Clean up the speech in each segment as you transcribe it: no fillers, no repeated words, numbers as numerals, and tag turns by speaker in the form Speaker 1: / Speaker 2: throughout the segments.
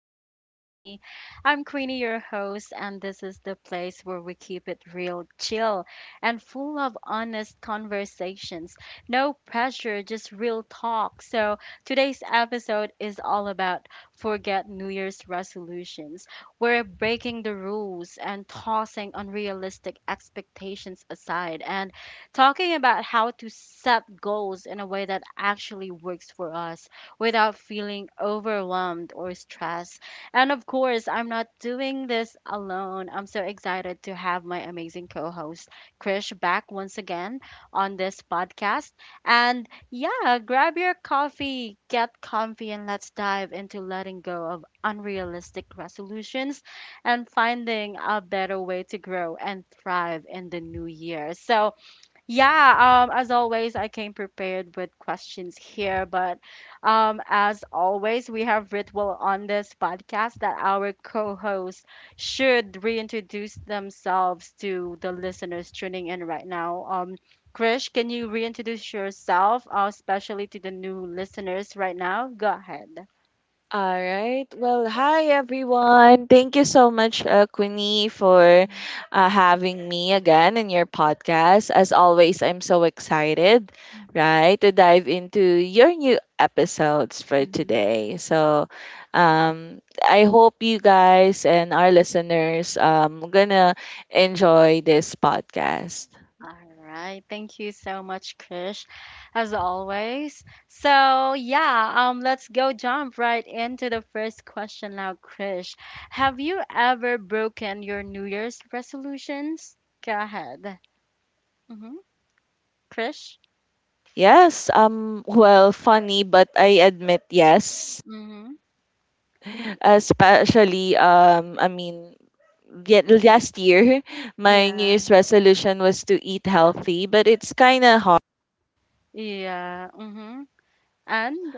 Speaker 1: Talks with Queenie. I'm Queenie, your host, and this is the place where we keep it real, chill, and full of honest conversations. No pressure, just real talk. So today's episode is all about forget New Year's resolutions. We're breaking the rules and tossing unrealistic expectations aside and talking about how to set goals in a way that actually works for us without feeling overwhelmed or stressed. And of course, I'm not doing this alone. I'm so excited to have my amazing co host, Krish, back once again on this podcast. And yeah, grab your coffee, get comfy, and let's dive into letting go of unrealistic resolutions and finding a better way to grow and thrive in the new year. So, yeah, as always, I came prepared with questions here, but as always, we have ritual on this podcast that our co-hosts should reintroduce themselves to the listeners tuning in right now. Krish, can you reintroduce yourself, especially to the new listeners right now? Go ahead.
Speaker 2: All right. Well, hi everyone. Thank you so much, Queenie, for having me again in your podcast. As always, I'm so excited, right, to dive into your new episodes for
Speaker 1: Mhm.
Speaker 2: today. So, I hope you guys and our listeners gonna enjoy this podcast.
Speaker 1: All right. Thank you so much, Krish, as always. So, yeah, let's go jump right into the first question now, Krish. Have you ever broken your New Year's resolutions? Go ahead. Mm-hmm. Krish?
Speaker 2: Yes. Well, funny, but I admit yes.
Speaker 1: Mm-hmm.
Speaker 2: Especially I mean yet
Speaker 1: Hmm.
Speaker 2: last year my new
Speaker 1: Yeah.
Speaker 2: year's resolution was to eat healthy, but it's kind of hard.
Speaker 1: Yeah. Mm-hmm. And?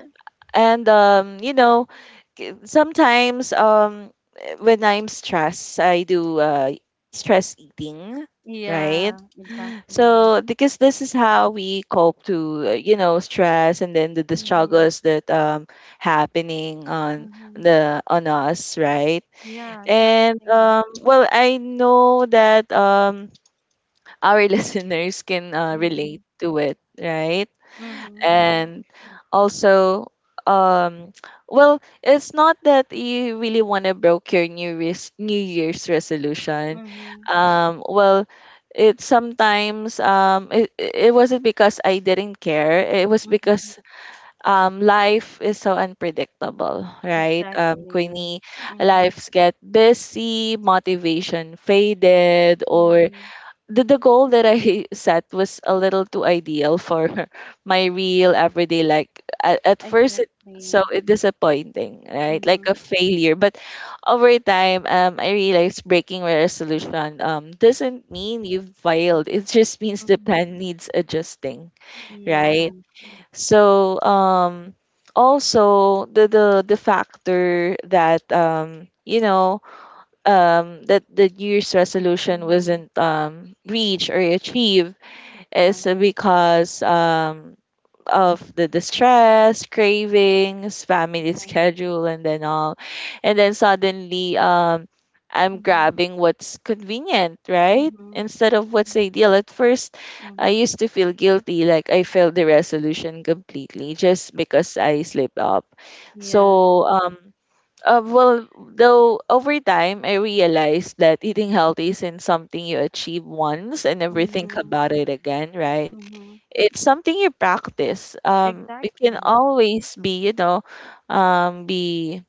Speaker 2: And you know sometimes when I'm stressed I do stress eating, right?
Speaker 1: Yeah, exactly.
Speaker 2: So because this is how we cope to, you know, stress, and then the
Speaker 1: Mm-hmm.
Speaker 2: struggles that happening on
Speaker 1: Mm-hmm.
Speaker 2: the on us, right?
Speaker 1: Yeah,
Speaker 2: And
Speaker 1: exactly.
Speaker 2: well, I know that, our listeners can,
Speaker 1: Mm-hmm.
Speaker 2: relate to it, right?
Speaker 1: Mm-hmm.
Speaker 2: And also, um, well, it's not that you really want to broke your New Year's resolution. Well, it sometimes, it wasn't because I didn't care. It was
Speaker 1: Mm-hmm.
Speaker 2: because life is so unpredictable, right?
Speaker 1: Exactly.
Speaker 2: Queenie,
Speaker 1: Mhm.
Speaker 2: lives get busy, motivation faded, or
Speaker 1: Mhm.
Speaker 2: the goal that I set was a little too ideal for my real everyday. Like at first,
Speaker 1: Exactly.
Speaker 2: it disappointing, right? Like
Speaker 1: Mhm.
Speaker 2: a failure. But over time, I realized breaking a resolution doesn't mean you've failed. It just means the
Speaker 1: Mhm.
Speaker 2: plan needs adjusting,
Speaker 1: Yeah.
Speaker 2: right? So also the factor that, you know, that the year's resolution
Speaker 1: Mhm.
Speaker 2: wasn't reached or achieved
Speaker 1: Yeah.
Speaker 2: is because of the distress, cravings, family
Speaker 1: Exactly.
Speaker 2: schedule, and then all. And then suddenly, I'm
Speaker 1: Mhm.
Speaker 2: grabbing what's convenient, right?
Speaker 1: Mhm.
Speaker 2: Instead of
Speaker 1: Mhm.
Speaker 2: what's ideal. At first, I
Speaker 1: Mhm.
Speaker 2: used to feel guilty, like I failed the resolution completely just because I slipped up.
Speaker 1: Yeah.
Speaker 2: So, well, though over time, I realized that eating healthy isn't something you achieve once and never think
Speaker 1: Mhm.
Speaker 2: about it again, right?
Speaker 1: Mhm.
Speaker 2: It's something you practice. It can
Speaker 1: Exactly.
Speaker 2: always be, you know, um be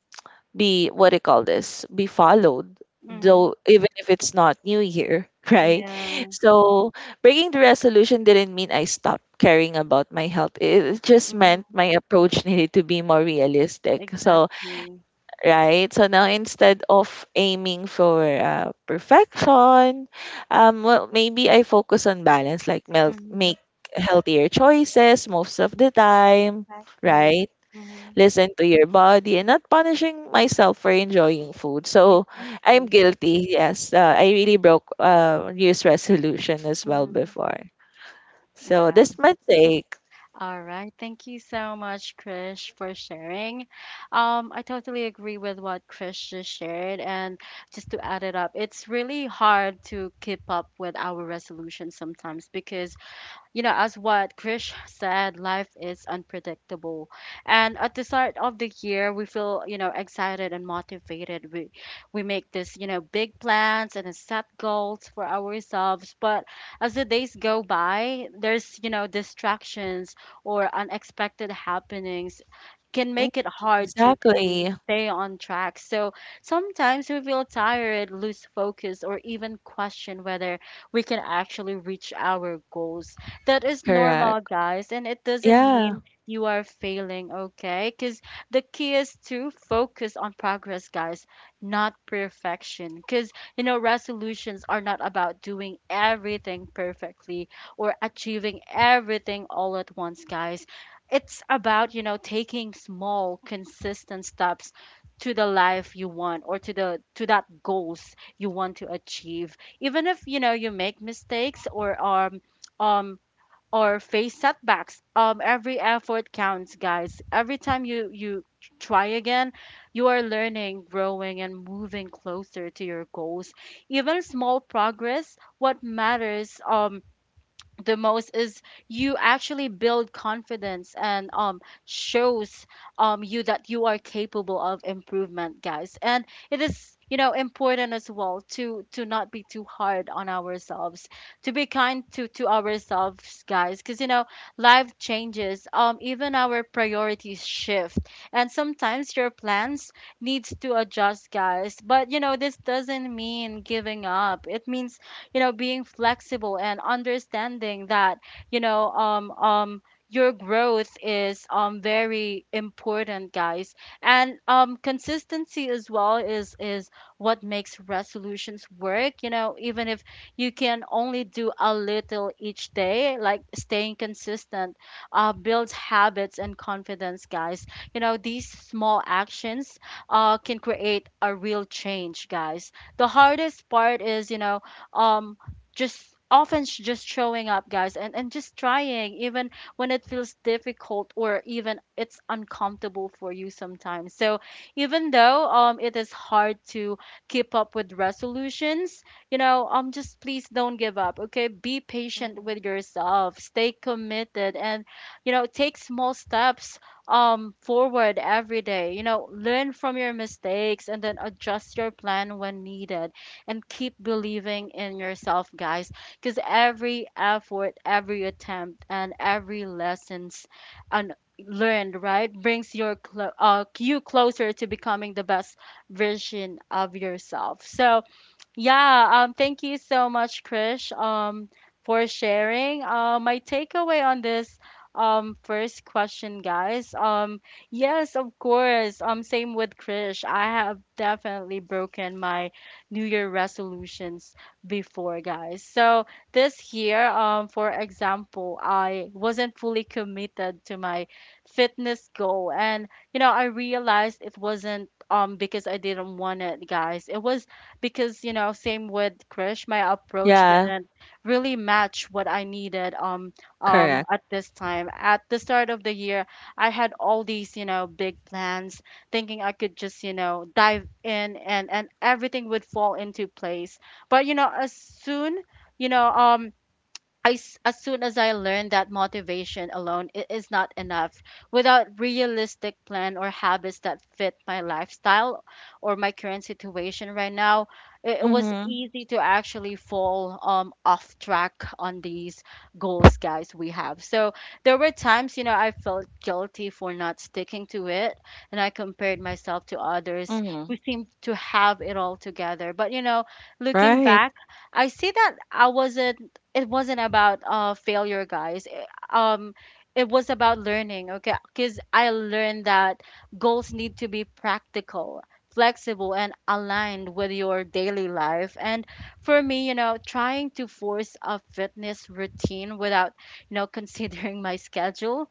Speaker 2: be what do you call this be followed,
Speaker 1: Mhm.
Speaker 2: though even if it's not new year, right?
Speaker 1: Yeah.
Speaker 2: So breaking the resolution didn't mean I stopped caring about my health. It just meant
Speaker 1: Mhm.
Speaker 2: my approach needed to be more realistic, so
Speaker 1: Exactly.
Speaker 2: right? So now instead of aiming for, perfection, well, maybe I focus on balance, like
Speaker 1: Mhm.
Speaker 2: make healthier choices most of the time,
Speaker 1: Exactly.
Speaker 2: right?
Speaker 1: Mhm.
Speaker 2: Listen to your body and not punishing myself for enjoying food. So I'm
Speaker 1: Exactly.
Speaker 2: guilty. Yes, I really broke, New Year's resolution as well
Speaker 1: Mhm.
Speaker 2: before. So
Speaker 1: Wow.
Speaker 2: this mistake.
Speaker 1: All right. Thank you so much, Krish, for sharing. I totally agree with what Krish just shared. And just to add it up, it's really hard to keep up with our resolution sometimes because you know, as what Krish said, life is unpredictable. And at the start of the year, we feel, you know, excited and motivated. We make this, you know, big plans and set goals for ourselves. But as the days go by, there's, you know, distractions or unexpected happenings can
Speaker 2: Mm.
Speaker 1: make it hard to
Speaker 2: Exactly.
Speaker 1: stay on track. So sometimes we feel tired, lose focus, or even question whether we can actually reach our goals. That is
Speaker 2: Correct.
Speaker 1: normal, guys, and it doesn't
Speaker 2: Yeah.
Speaker 1: mean you are failing, okay? Because the key is to focus on progress, guys, not perfection. Because, you know, resolutions are not about doing everything perfectly or achieving everything all at once, guys. It's about, you know, taking small, consistent steps to the life you want or to the to that goals you want to achieve even if you know you make mistakes um or face setbacks. Every effort counts, guys. Every time you try again, you are learning, growing, and moving closer to your goals. Even small progress. What matters the most is you actually build confidence and shows you that you are capable of improvement, guys. And it is, you know, important as well to not be too hard on ourselves, to be kind to ourselves, guys, because you know life changes, even our priorities shift, and sometimes your plans needs to adjust, guys. But you know this doesn't mean giving up. It means, you know, being flexible and understanding that, you know, your growth is very important, guys. And consistency as well is what makes resolutions work, you know. Even if you can only do a little each day, like staying consistent, builds habits and confidence, guys. You know, these small actions, can create a real change, guys. The hardest part is, you know, um just often sh- just showing up, guys, and just trying, even when it feels difficult or even it's uncomfortable for you sometimes. So even though it is hard to keep up with resolutions, you know, just please don't give up, okay? Be patient
Speaker 2: Mhm.
Speaker 1: with yourself, stay committed, and you know take small steps forward every day. You know, learn from your mistakes and then adjust your plan when needed, and keep believing in yourself, guys. Because every effort, every attempt, and every lessons and learned, right, brings your you closer to becoming the best version of yourself. So yeah, thank you so much, Krish, for sharing. My takeaway on this first question, guys. Yes, of course. Same with Krish. I have definitely broken my New Year resolutions before, guys. So this year, for example, I wasn't fully committed to my fitness goal, and you know, I realized it wasn't because I didn't want it, guys. It was because you know same with Krish my approach
Speaker 2: Yeah.
Speaker 1: didn't really match what I needed um
Speaker 2: Correct.
Speaker 1: at this time at the start of the year. I had all these, you know, big plans, thinking I could just, you know, dive in and everything would fall into place. But you know, you know um as soon as I learned that motivation alone is not enough, without realistic plan or habits that fit my lifestyle or my current situation right now, it was
Speaker 2: Mm-hmm.
Speaker 1: easy to actually fall off track on these goals, guys, we have. So there were times, you know, I felt guilty for not sticking to it, and I compared myself to others who
Speaker 2: Mhm.
Speaker 1: seemed to have it all together. But, you know, looking
Speaker 2: Right.
Speaker 1: back, I see that I wasn't it wasn't about failure, guys. It was about learning, okay? Because I learned that goals need to be practical, flexible, and aligned with your daily life. And for me, you know, trying to force a fitness routine without, you know, considering my schedule,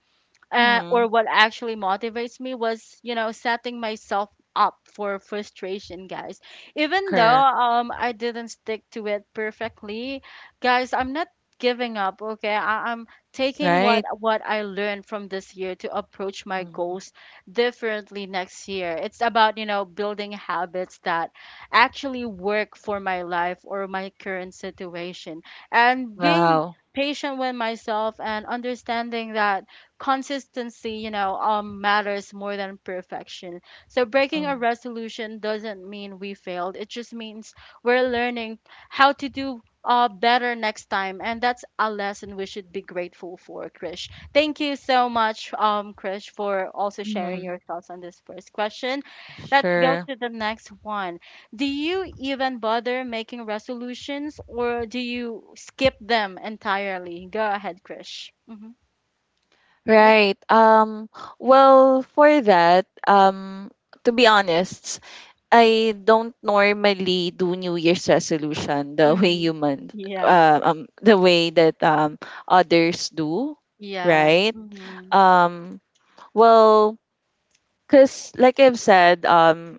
Speaker 1: or
Speaker 2: Mhm.
Speaker 1: what actually motivates me, was, you know, setting myself up for frustration, guys. Even though
Speaker 2: Correct.
Speaker 1: I didn't stick to it perfectly, guys, I'm not giving up, okay? I'm taking what
Speaker 2: Right.
Speaker 1: what I learned from this year to approach my
Speaker 2: Mhm.
Speaker 1: goals differently next year. It's about, you know, building habits that actually work for my life or my current situation, and being
Speaker 2: Wow.
Speaker 1: patient with myself and understanding that consistency, you know, matters more than perfection. So breaking a
Speaker 2: Mhm.
Speaker 1: resolution doesn't mean we failed. It just means we're learning how to do better next time, and that's a lesson we should be grateful for. Krish, thank you so much, Krish, for also sharing your
Speaker 2: Mhm.
Speaker 1: thoughts on this first question. Let's go
Speaker 2: Sure.
Speaker 1: to the next one. Do you even bother making resolutions or do you skip them entirely? Go ahead, Krish. Hmm.
Speaker 2: Right. Well, for that, to be honest, I don't normally do New Year's resolution the way
Speaker 1: Mhm.
Speaker 2: humans,
Speaker 1: Yeah.
Speaker 2: the way that others do,
Speaker 1: Yeah.
Speaker 2: right?
Speaker 1: Mhm.
Speaker 2: Um, well, because like I've said,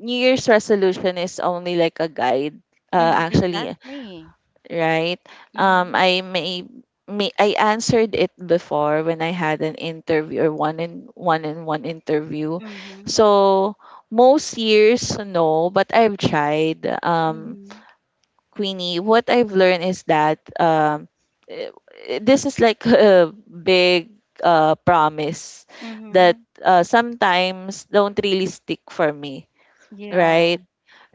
Speaker 2: New Year's resolution is only like a guide,
Speaker 1: Mhm.
Speaker 2: actually,
Speaker 1: Exactly.
Speaker 2: right?
Speaker 1: Mhm.
Speaker 2: Um, I may, may I answered it before when I had an interview or one interview.
Speaker 1: Mhm.
Speaker 2: So most years no, but I've tried.
Speaker 1: Mhm.
Speaker 2: Queenie, what I've learned is that, eh, this is like a big, promise that,
Speaker 1: Mhm.
Speaker 2: sometimes don't really stick for me,
Speaker 1: Yeah.
Speaker 2: right?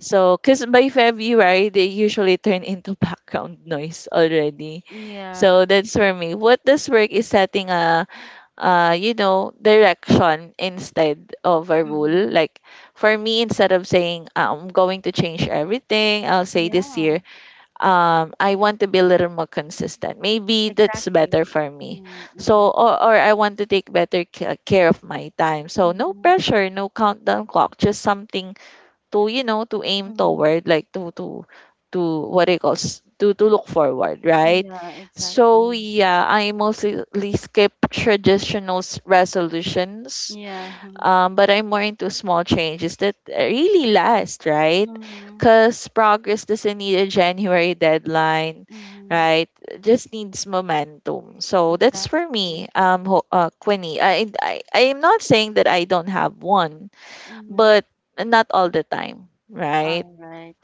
Speaker 2: So, because by February, right, they usually turn into background noise already.
Speaker 1: Yeah.
Speaker 2: So that's for me. What does work is setting a, you know, direction instead of a rule.
Speaker 1: Mhm.
Speaker 2: Like for me, instead of saying I'm going to change everything, I'll say this year,
Speaker 1: Yeah.
Speaker 2: I want to be a little more consistent. Maybe that's
Speaker 1: Exactly.
Speaker 2: better for me.
Speaker 1: Mm,
Speaker 2: So,
Speaker 1: mhm.
Speaker 2: or I want to take better care of my time. So no
Speaker 1: Mhm.
Speaker 2: pressure, no countdown clock, just something to, you know, to aim
Speaker 1: Mhm.
Speaker 2: toward, like to what do you call s- to look forward, right?
Speaker 1: Yeah.
Speaker 2: So
Speaker 1: Exactly.
Speaker 2: yeah, I mostly skip traditional resolutions,
Speaker 1: Yeah.
Speaker 2: but I'm more into small changes that really last, right?
Speaker 1: Mhm.
Speaker 2: Because progress doesn't need a January deadline,
Speaker 1: Mhm.
Speaker 2: right? It just needs momentum, so that's for
Speaker 1: Exactly.
Speaker 2: me. Quinny, I am not saying that I don't have one,
Speaker 1: Mhm.
Speaker 2: but not all the time, right?
Speaker 1: All right.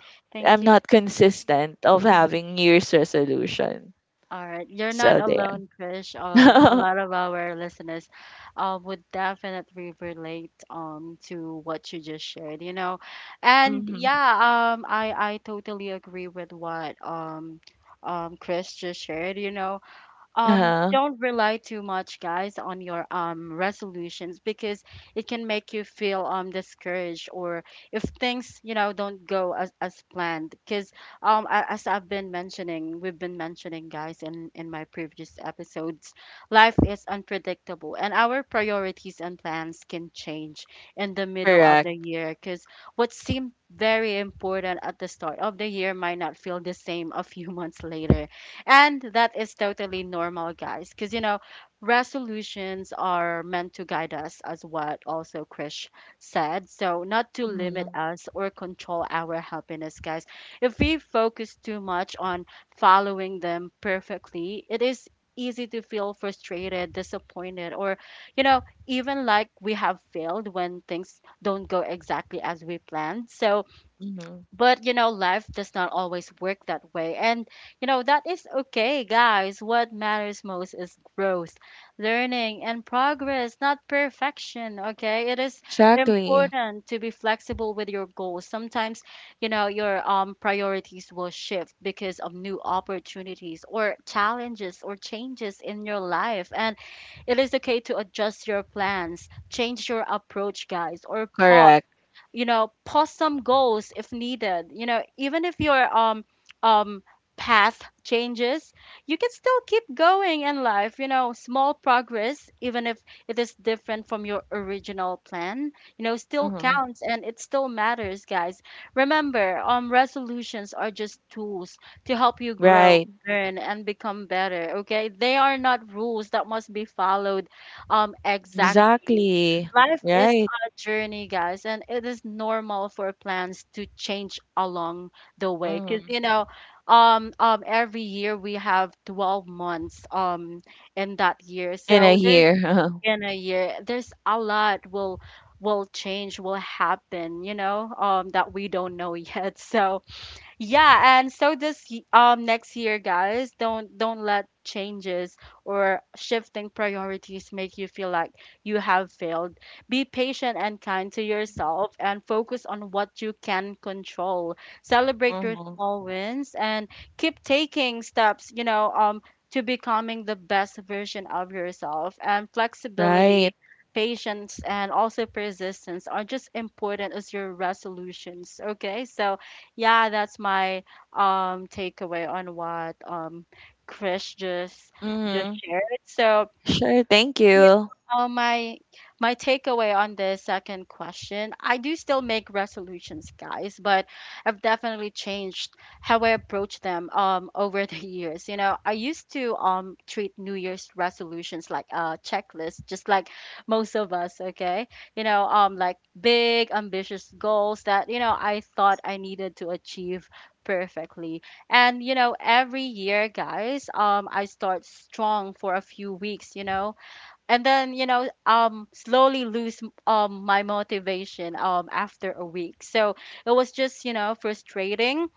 Speaker 2: I'm
Speaker 1: Thank you.
Speaker 2: not consistent of
Speaker 1: Mhm.
Speaker 2: having New Year's resolution.
Speaker 1: All right, you're not
Speaker 2: So
Speaker 1: alone, Krish. A
Speaker 2: there.
Speaker 1: lot of our listeners, would definitely relate to what you just shared, you know. And
Speaker 2: Mm-hmm.
Speaker 1: yeah, I totally agree with what um Krish just shared, you know. Um,
Speaker 2: Uh-huh.
Speaker 1: don't rely too much, guys, on your resolutions, because it can make you feel discouraged, or if things you know don't go as planned, because as I've been mentioning we've been mentioning, guys, in my previous episodes, life is unpredictable and our priorities and plans can change in the middle of
Speaker 2: Correct.
Speaker 1: the year, because what seemed very important at the start of the year might not feel the same a few months later. And that is totally normal, guys, because you know, resolutions are meant to guide us, as what also Krish said. So, not to limit
Speaker 2: Mm-hmm.
Speaker 1: us or control our happiness, guys. If we focus too much on following them perfectly, it is easy to feel frustrated, disappointed, or you know, even like we have failed when things don't go exactly as we planned. So,
Speaker 2: Mm-hmm.
Speaker 1: but you know life does not always work that way, and you know that is okay, guys. What matters most is growth, learning, and progress, not perfection, okay? It is
Speaker 2: Exactly.
Speaker 1: important to be flexible with your goals. Sometimes you know your priorities will shift because of new opportunities or challenges or changes in your life, and it is okay to adjust your plans, change your approach, guys, or pause,
Speaker 2: Correct.
Speaker 1: pause some goals if needed. You know, even if your um path changes, you can still keep going in life. You know, small progress, even if it is different from your original plan, you know, still
Speaker 2: Mm-hmm.
Speaker 1: counts and it still matters, guys. Remember, resolutions are just tools to help you grow,
Speaker 2: Right.
Speaker 1: learn, and become better, okay? They are not rules that must be followed, exactly.
Speaker 2: Exactly.
Speaker 1: Life is
Speaker 2: Right.
Speaker 1: journey, guys, and it is normal for plans to change along the way. Because
Speaker 2: Mm-hmm.
Speaker 1: you know, every year we have 12 months in that year,
Speaker 2: In a
Speaker 1: so there's
Speaker 2: year.
Speaker 1: in a year, there's a lot will change will happen, you know, that we don't know yet. So yeah, and so next year, guys, don't let changes or shifting priorities make you feel like you have failed. Be patient and kind to yourself and focus on what you can control. Celebrate your
Speaker 2: Mm-hmm.
Speaker 1: small wins and keep taking steps to becoming the best version of yourself. And
Speaker 2: Right.
Speaker 1: flexibility, patience, and also persistence are just important as your resolutions, okay? So yeah, that's my takeaway on what Chris just
Speaker 2: Mm-hmm.
Speaker 1: shared. So
Speaker 2: Sure. Thank
Speaker 1: yeah,
Speaker 2: you.
Speaker 1: uh, my my takeaway on the second question, I do still make resolutions, guys, but I've definitely changed how I approach them over the years. You know, I used to treat New Year's resolutions like a checklist, just like most of us, okay? You know, like big ambitious goals that, you know, I thought I needed to achieve perfectly. And you know, every year, guys, I start strong for a few weeks, you know, and then, you know, slowly lose my motivation after a week, so it was just, you know, frustrating,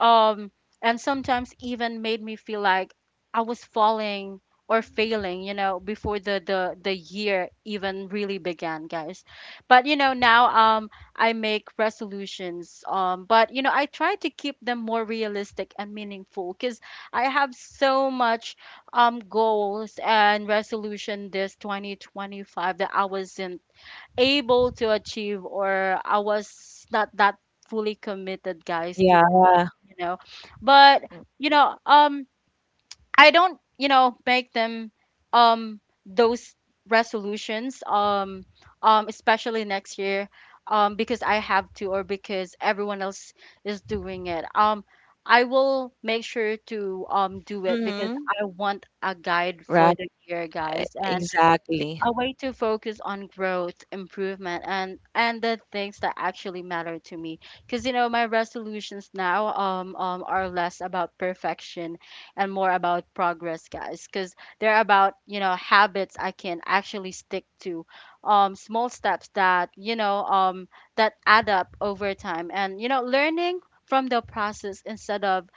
Speaker 1: um and sometimes even made me feel like I was falling or failing, you know, before the year even really began, guys. But you know now I make resolutions, but you know I try to keep them more realistic and meaningful, because I have so much goals and resolution this 2025 that I wasn't able to achieve, or I was not that fully committed, guys, to,
Speaker 2: Yeah.
Speaker 1: you know. But you know, I don't, you know, make them, um those resolutions, especially next year, because I have to or because everyone else is doing it. I will make sure to do it because
Speaker 2: Mm-hmm.
Speaker 1: I want a guide for
Speaker 2: Right.
Speaker 1: the year, guys. And
Speaker 2: Exactly.
Speaker 1: a way to focus on growth, improvement, and the things that actually matter to me. Because you know, my resolutions now, are less about perfection and more about progress, guys. Because they're about, you know, habits I can actually stick to, small steps that, you know, that add up over time, and you know learning from the process instead of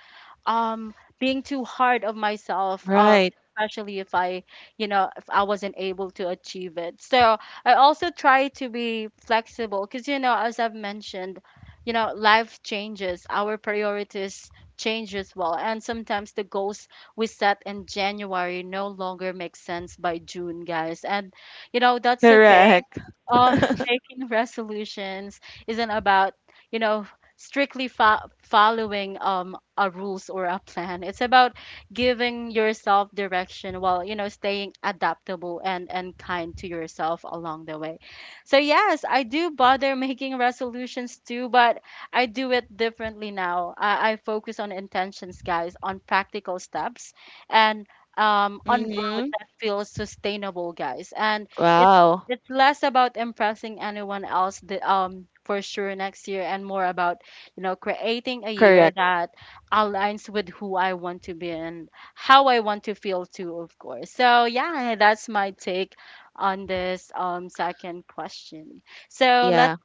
Speaker 1: um being too hard of myself,
Speaker 2: Right.
Speaker 1: especially if I, you know, if I wasn't able to achieve it. So I also try to be flexible, because you know, as I've mentioned, you know, life changes, our priorities change as well, and sometimes the goals we set in January no longer make sense by June, guys. And you know that's okay.
Speaker 2: Correct.
Speaker 1: uh, making resolutions isn't about, you know, strictly following a rules or a plan. It's about giving yourself direction while, you know, staying adaptable and kind to yourself along the way. So yes, I do bother making resolutions too, but I do it differently now. I focus on intentions, guys, on practical steps and on growth
Speaker 2: Mm-hmm.
Speaker 1: that feels sustainable, guys. And it
Speaker 2: Wow.
Speaker 1: it's less about impressing anyone else, for sure next year, and more about, you know, creating a year
Speaker 2: Correct.
Speaker 1: that aligns with who I want to be and how I want to feel too, of course. So yeah, that's my take on this second question. So let
Speaker 2: Yeah.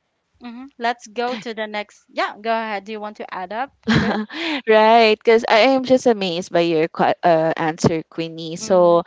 Speaker 1: Mhm, let's go to the next. Yeah, go ahead. Do you want to add up, Chris?
Speaker 2: Right. Because I am just amazed by your answer, Queenie.
Speaker 1: Mm,
Speaker 2: So,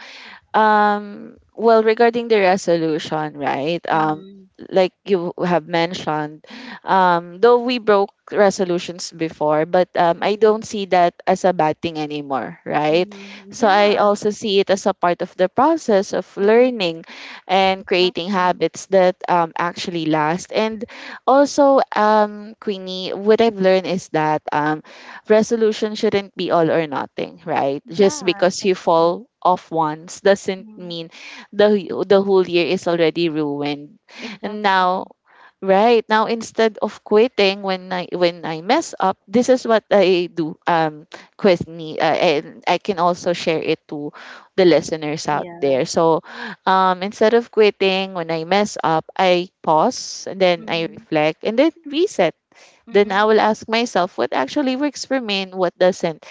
Speaker 2: Well, regarding the resolution, right?
Speaker 1: mm,
Speaker 2: Like you have mentioned, though we broke resolutions before, but I
Speaker 1: mm,
Speaker 2: don't see that as a bad thing anymore, right?
Speaker 1: mm,
Speaker 2: So I
Speaker 1: yeah,
Speaker 2: also see it as a part of the process of
Speaker 1: mm,
Speaker 2: learning and creating
Speaker 1: exactly.
Speaker 2: habits that actually last. And also, Queenie, what I've learned is that resolution shouldn't be all or nothing, right? Just
Speaker 1: Yeah,
Speaker 2: because you
Speaker 1: exactly.
Speaker 2: fall off once doesn't
Speaker 1: Mm-hmm.
Speaker 2: mean the the whole year is already ruined. And
Speaker 1: Exactly.
Speaker 2: now, right now, instead of quitting when I mess up, this is what I do. Quit me, and I can also share it to the listeners out
Speaker 1: Yeah.
Speaker 2: there. So, instead of quitting when I mess up, I pause and then I
Speaker 1: Mhm.
Speaker 2: reflect and then reset, then I
Speaker 1: Mhm.
Speaker 2: will ask myself what actually works for me and what doesn't.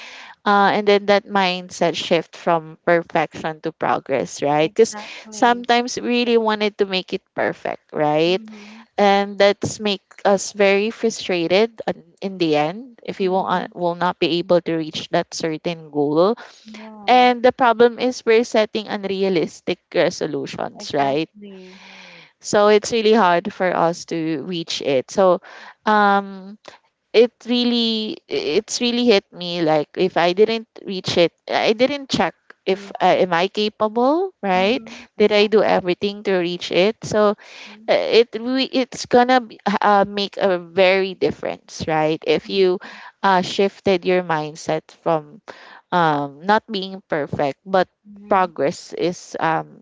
Speaker 2: And then that mindset shift from perfection to progress, right? Because
Speaker 1: Exactly.
Speaker 2: sometimes we really wanted to make it perfect, right?
Speaker 1: Mhm.
Speaker 2: And that's make us very frustrated, in the end if you
Speaker 1: Mhm.
Speaker 2: will not be able to reach that certain goal.
Speaker 1: Yeah.
Speaker 2: And the problem is we're setting unrealistic resolutions, right?
Speaker 1: Exactly.
Speaker 2: So it's really hard for us to reach it. So um it really it's really hit me like if I didn't reach it, I didn't check if,
Speaker 1: Yeah.
Speaker 2: am I capable, right?
Speaker 1: Mhm.
Speaker 2: Did I do
Speaker 1: Exactly.
Speaker 2: everything to reach it? So,
Speaker 1: Mhm.
Speaker 2: it's gonna make a very difference, right, if you,
Speaker 1: Mhm.
Speaker 2: shifted your mindset from, not being perfect, but
Speaker 1: Mhm.
Speaker 2: progress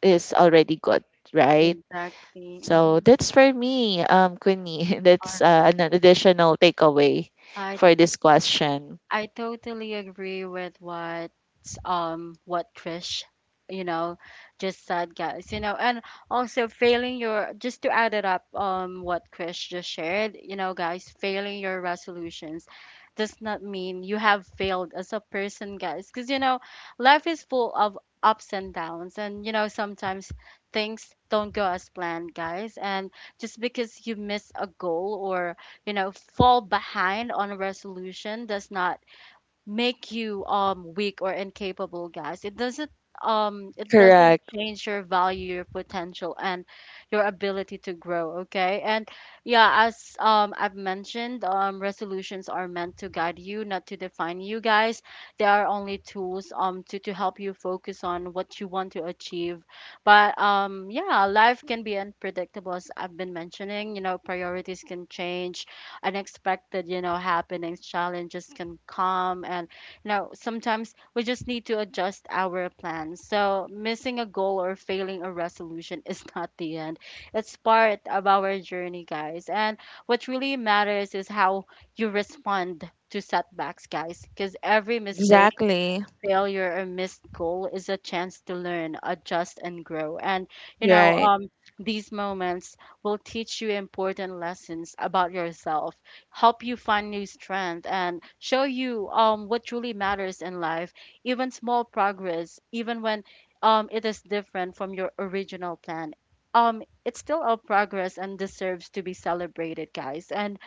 Speaker 2: is already good, right?
Speaker 1: Exactly.
Speaker 2: So
Speaker 1: Mhm.
Speaker 2: that's for me, Queenie. That's,
Speaker 1: All
Speaker 2: an additional takeaway
Speaker 1: right.
Speaker 2: for this question.
Speaker 1: I totally agree with what Trish, you know, just said, guys. You know, and also failing your, just to add it up, what Trish just shared, you know, guys, failing your resolutions does not mean you have failed as a person, guys, because you know, life is full of ups and downs, and you know, sometimes things don't go as planned, guys, and just because you miss a goal or you know fall behind on a resolution does not make you weak or incapable, guys. It doesn't
Speaker 2: Correct.
Speaker 1: change your value, your potential, and your ability to grow. Okay, and yeah, as I've mentioned, resolutions are meant to guide you, not to define you, guys. They are only tools to help you focus on what you want to achieve. But yeah, life can be unpredictable, as I've been mentioning. You know, priorities can change, unexpected, you know, happenings, challenges can come. And, you know, sometimes we just need to adjust our plans. So missing a goal or failing a resolution is not the end. It's part of our journey, guys. And what really matters is how you respond to setbacks, guys, because every mistake,
Speaker 2: Exactly.
Speaker 1: failure, or missed goal is a chance to learn, adjust, and grow. And, you know,
Speaker 2: Right.
Speaker 1: these moments will teach you important lessons about yourself, help you find new strength, and show you what truly matters in life. Even small progress, even when, it is different from your original plan, it's still a progress and deserves to be celebrated, guys. And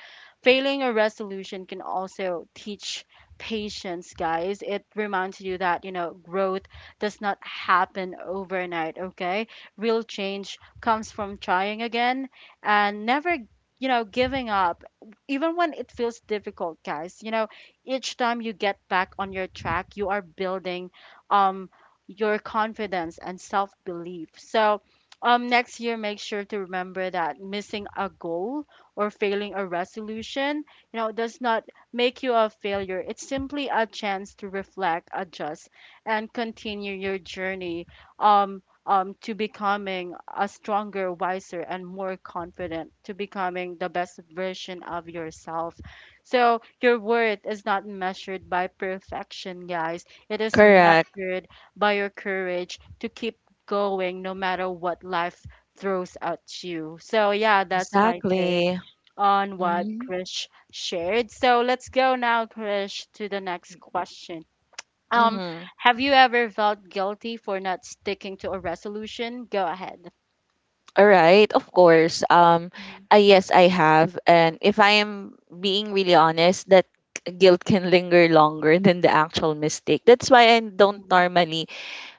Speaker 1: failing a resolution can also teach patience, guys. It reminds you that, you know, growth does not happen overnight, okay? Real change comes from trying again and never, you know, giving up, even when it feels difficult, guys. You know, each time you get back on your track, you are building, um, your confidence and self belief. So, next year, make sure to remember that missing a goal or failing a resolution, you know, does not make you a failure. It's simply a chance to reflect, adjust, and continue your journey, to becoming a stronger, wiser, and more confident, to becoming the best version of yourself. So, your worth is not measured by perfection, guys. It is
Speaker 2: Correct.
Speaker 1: measured by your courage to keep going no matter what life throws at you. So, yeah, that's my take
Speaker 2: Exactly.
Speaker 1: on what
Speaker 2: Mm-hmm.
Speaker 1: Krish shared. So let's go now, Krish, to the next question. Um,
Speaker 2: Mm-hmm.
Speaker 1: have you ever felt guilty for not sticking to a resolution? Go ahead.
Speaker 2: All right, of course.
Speaker 1: Mm,
Speaker 2: Yes, I have, and if I am being really honest, that guilt can linger longer than the actual mistake. That's why I don't
Speaker 1: mm,
Speaker 2: normally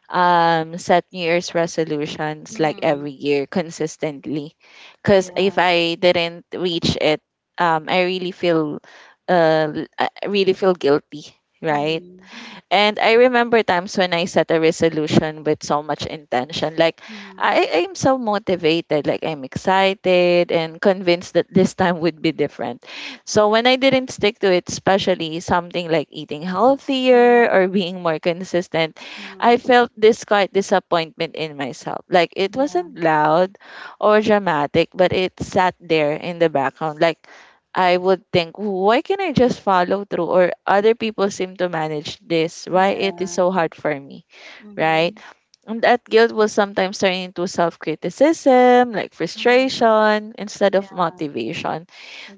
Speaker 2: set new year's resolutions like
Speaker 1: mm.
Speaker 2: every year consistently, because if
Speaker 1: Yeah.
Speaker 2: I didn't reach it, I really feel, I really feel guilty, right?
Speaker 1: Mm,
Speaker 2: And I remember times when I set a resolution with so much intention. Like
Speaker 1: mm,
Speaker 2: I am so motivated, like I'm excited and convinced that this time would be different. So
Speaker 1: mm,
Speaker 2: when I didn't stick to it, especially something like eating healthier
Speaker 1: mm,
Speaker 2: or being more consistent, I
Speaker 1: mm.
Speaker 2: felt this quite disappointment in myself. Like it
Speaker 1: Yeah.
Speaker 2: wasn't loud or dramatic, but it sat there in the background. Like I would think, why can not I just follow through? Or other people seem to manage this. Why it is
Speaker 1: Yeah.
Speaker 2: so hard for me,
Speaker 1: Mm-hmm.
Speaker 2: right? And that guilt will sometimes turn into self criticism, like
Speaker 1: Mm-hmm.
Speaker 2: frustration, instead of
Speaker 1: Yeah,
Speaker 2: motivation.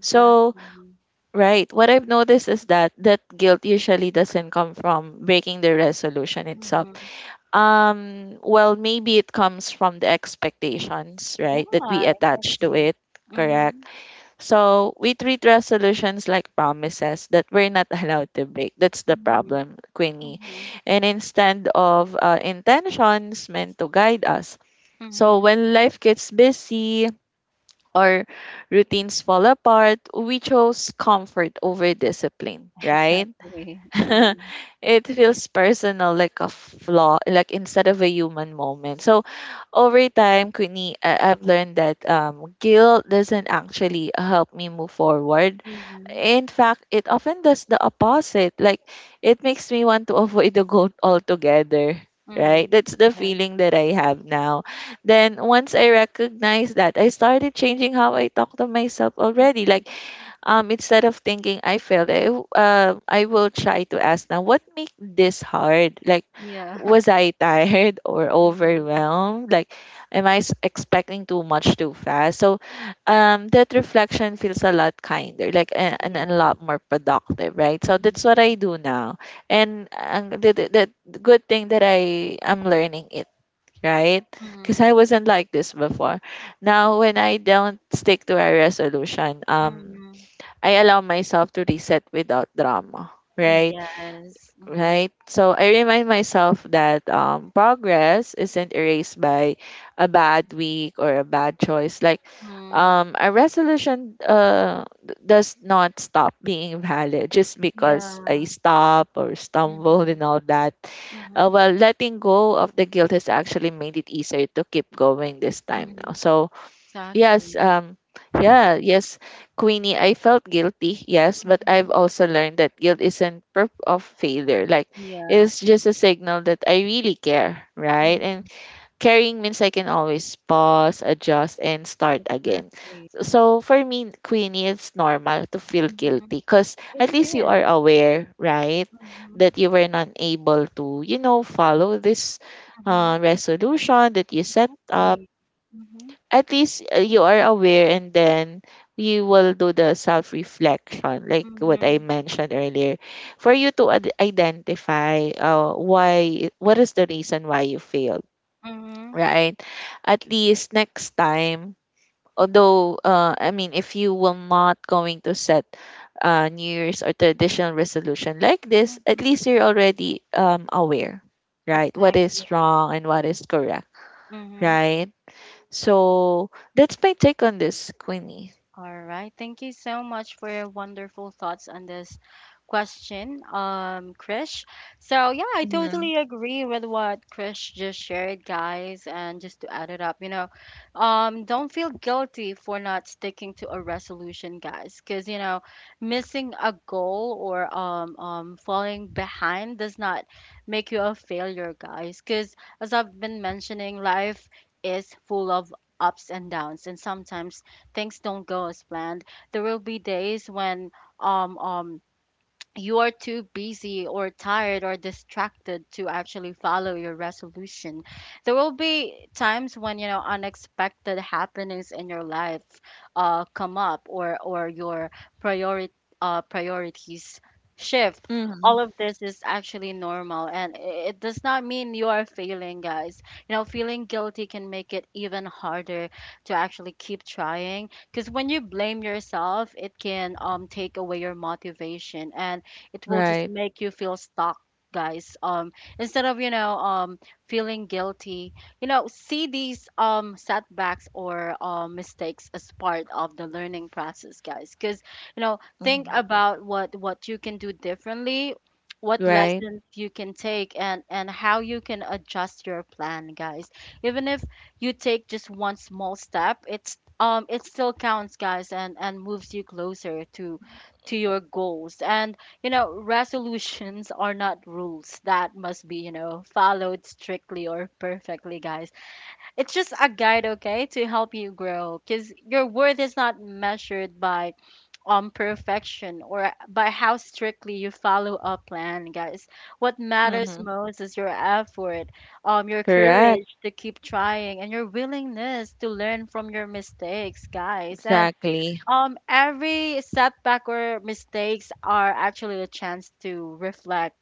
Speaker 2: So, right, what I've noticed is that that guilt usually doesn't come from breaking the resolution itself.
Speaker 1: Mm-hmm.
Speaker 2: Well, maybe it comes from the expectations,
Speaker 1: Yeah,
Speaker 2: right, that we attach to
Speaker 1: exactly.
Speaker 2: it,
Speaker 1: Mm-hmm.
Speaker 2: correct? So we treat resolutions like promises that we're not allowed to break. That's the
Speaker 1: Mm-hmm.
Speaker 2: problem, Queenie.
Speaker 1: Mm-hmm.
Speaker 2: And instead of, intentions meant to guide us. So
Speaker 1: Mm-hmm.
Speaker 2: when life gets busy or routines fall apart, we chose comfort over discipline, right?
Speaker 1: Exactly.
Speaker 2: It feels personal, like a flaw, like instead of a human moment. So over time, Queenie, I've learned that, guilt doesn't actually help me move forward.
Speaker 1: Mm-hmm.
Speaker 2: In fact, it often does the opposite. Like it makes me want to avoid the goal altogether. Right?
Speaker 1: Mm.
Speaker 2: That's the
Speaker 1: Yeah.
Speaker 2: feeling that I have now. Then once I recognize that, I started changing how I talk to myself already.
Speaker 1: Mm.
Speaker 2: Like instead of thinking I failed, I will try to ask now what made this hard? Like,
Speaker 1: Yeah.
Speaker 2: was I tired or
Speaker 1: Mm.
Speaker 2: overwhelmed? Like, am I expecting too much too fast? So, that reflection feels a lot kinder, like, and a
Speaker 1: Yeah.
Speaker 2: lot more productive, right? So,
Speaker 1: Mhm.
Speaker 2: that's what I do now. And the good thing that I am learning it, right? Because I
Speaker 1: Mm.
Speaker 2: wasn't like this before. Now when I don't stick to a resolution,
Speaker 1: Mm.
Speaker 2: I allow myself to reset without drama, right?
Speaker 1: Yes. Mhm.
Speaker 2: Right? So I remind myself that, progress isn't erased by a bad week or a bad choice. Like
Speaker 1: Mm.
Speaker 2: a resolution, does not stop being valid just because I
Speaker 1: Yeah.
Speaker 2: stop or stumble
Speaker 1: Mm.
Speaker 2: and all that.
Speaker 1: Mhm.
Speaker 2: Well, letting go of the guilt has actually made it easier to keep going this time now.
Speaker 1: Mhm.
Speaker 2: So. Yes,
Speaker 1: Exactly.
Speaker 2: yeah, yes, Queenie, I felt guilty, yes, but I've
Speaker 1: Mhm.
Speaker 2: also learned that guilt isn't proof of failure. Like,
Speaker 1: Yeah.
Speaker 2: it's just a signal that I really care, right?
Speaker 1: Mhm.
Speaker 2: And caring means I can always pause, adjust, and start again.
Speaker 1: Exactly.
Speaker 2: So for me, Queenie, it's normal to feel guilty
Speaker 1: Mhm.
Speaker 2: because
Speaker 1: It
Speaker 2: at least you
Speaker 1: is.
Speaker 2: are aware, right,
Speaker 1: Mhm.
Speaker 2: that you were not able to, follow this
Speaker 1: Mhm.
Speaker 2: resolution that you set up,
Speaker 1: Exactly. Mhm.
Speaker 2: at least you are aware, and then you will do the self reflection like what I
Speaker 1: Mhm.
Speaker 2: mentioned earlier for you to identify, why, what is the reason why you failed,
Speaker 1: Mhm.
Speaker 2: right? At least next time, although, I mean, if you will not going to set New Year's or traditional resolution like this, at
Speaker 1: Mhm.
Speaker 2: least you're already, aware, right, what is
Speaker 1: Exactly.
Speaker 2: wrong and what is correct,
Speaker 1: Mhm.
Speaker 2: right? So that's my take on this, Queenie.
Speaker 1: All right. Thank you so much for your wonderful thoughts on this question, Krish. So, yeah, I
Speaker 2: Mm-hmm.
Speaker 1: totally agree with what Krish just shared, guys. And just to add it up, you know, don't feel guilty for not sticking to a resolution, guys, because, you know, missing a goal or, falling behind does not make you a failure, guys, because as I've been mentioning, life is full of ups and downs, and sometimes things don't go as planned. There will be days when um um you are too busy or tired or distracted to actually follow your resolution. There will be times when, you know, unexpected happenings in your life come up, or your priority priorities shift.
Speaker 2: Hmm.
Speaker 1: All of this is actually normal, and it does not mean you are failing, guys. You know, feeling guilty can make it even harder to actually keep trying, because when you blame yourself it can take away your motivation, and it will just
Speaker 2: Right.
Speaker 1: make you feel stuck, guys. Instead of, you know, feeling guilty, you know, see these setbacks or mistakes as part of the learning process, guys. Because you know, think
Speaker 2: Mm-hmm.
Speaker 1: about what you can do differently, what
Speaker 2: Right.
Speaker 1: lessons you can take, and how you can adjust your plan, guys. Even if you take just one small step, it still counts, guys, and moves you closer to your goals. And you know, resolutions are not rules that must be, you know, followed strictly or perfectly, guys. It's just a guide, okay, to help you grow, because your worth is not measured by perfection or by how strictly you follow a plan, guys. What matters
Speaker 2: Mm-hmm.
Speaker 1: most is your effort, your
Speaker 2: Correct.
Speaker 1: courage to keep trying, and your willingness to learn from your mistakes, guys. And
Speaker 2: Exactly.
Speaker 1: every setback or mistakes are actually a chance to reflect,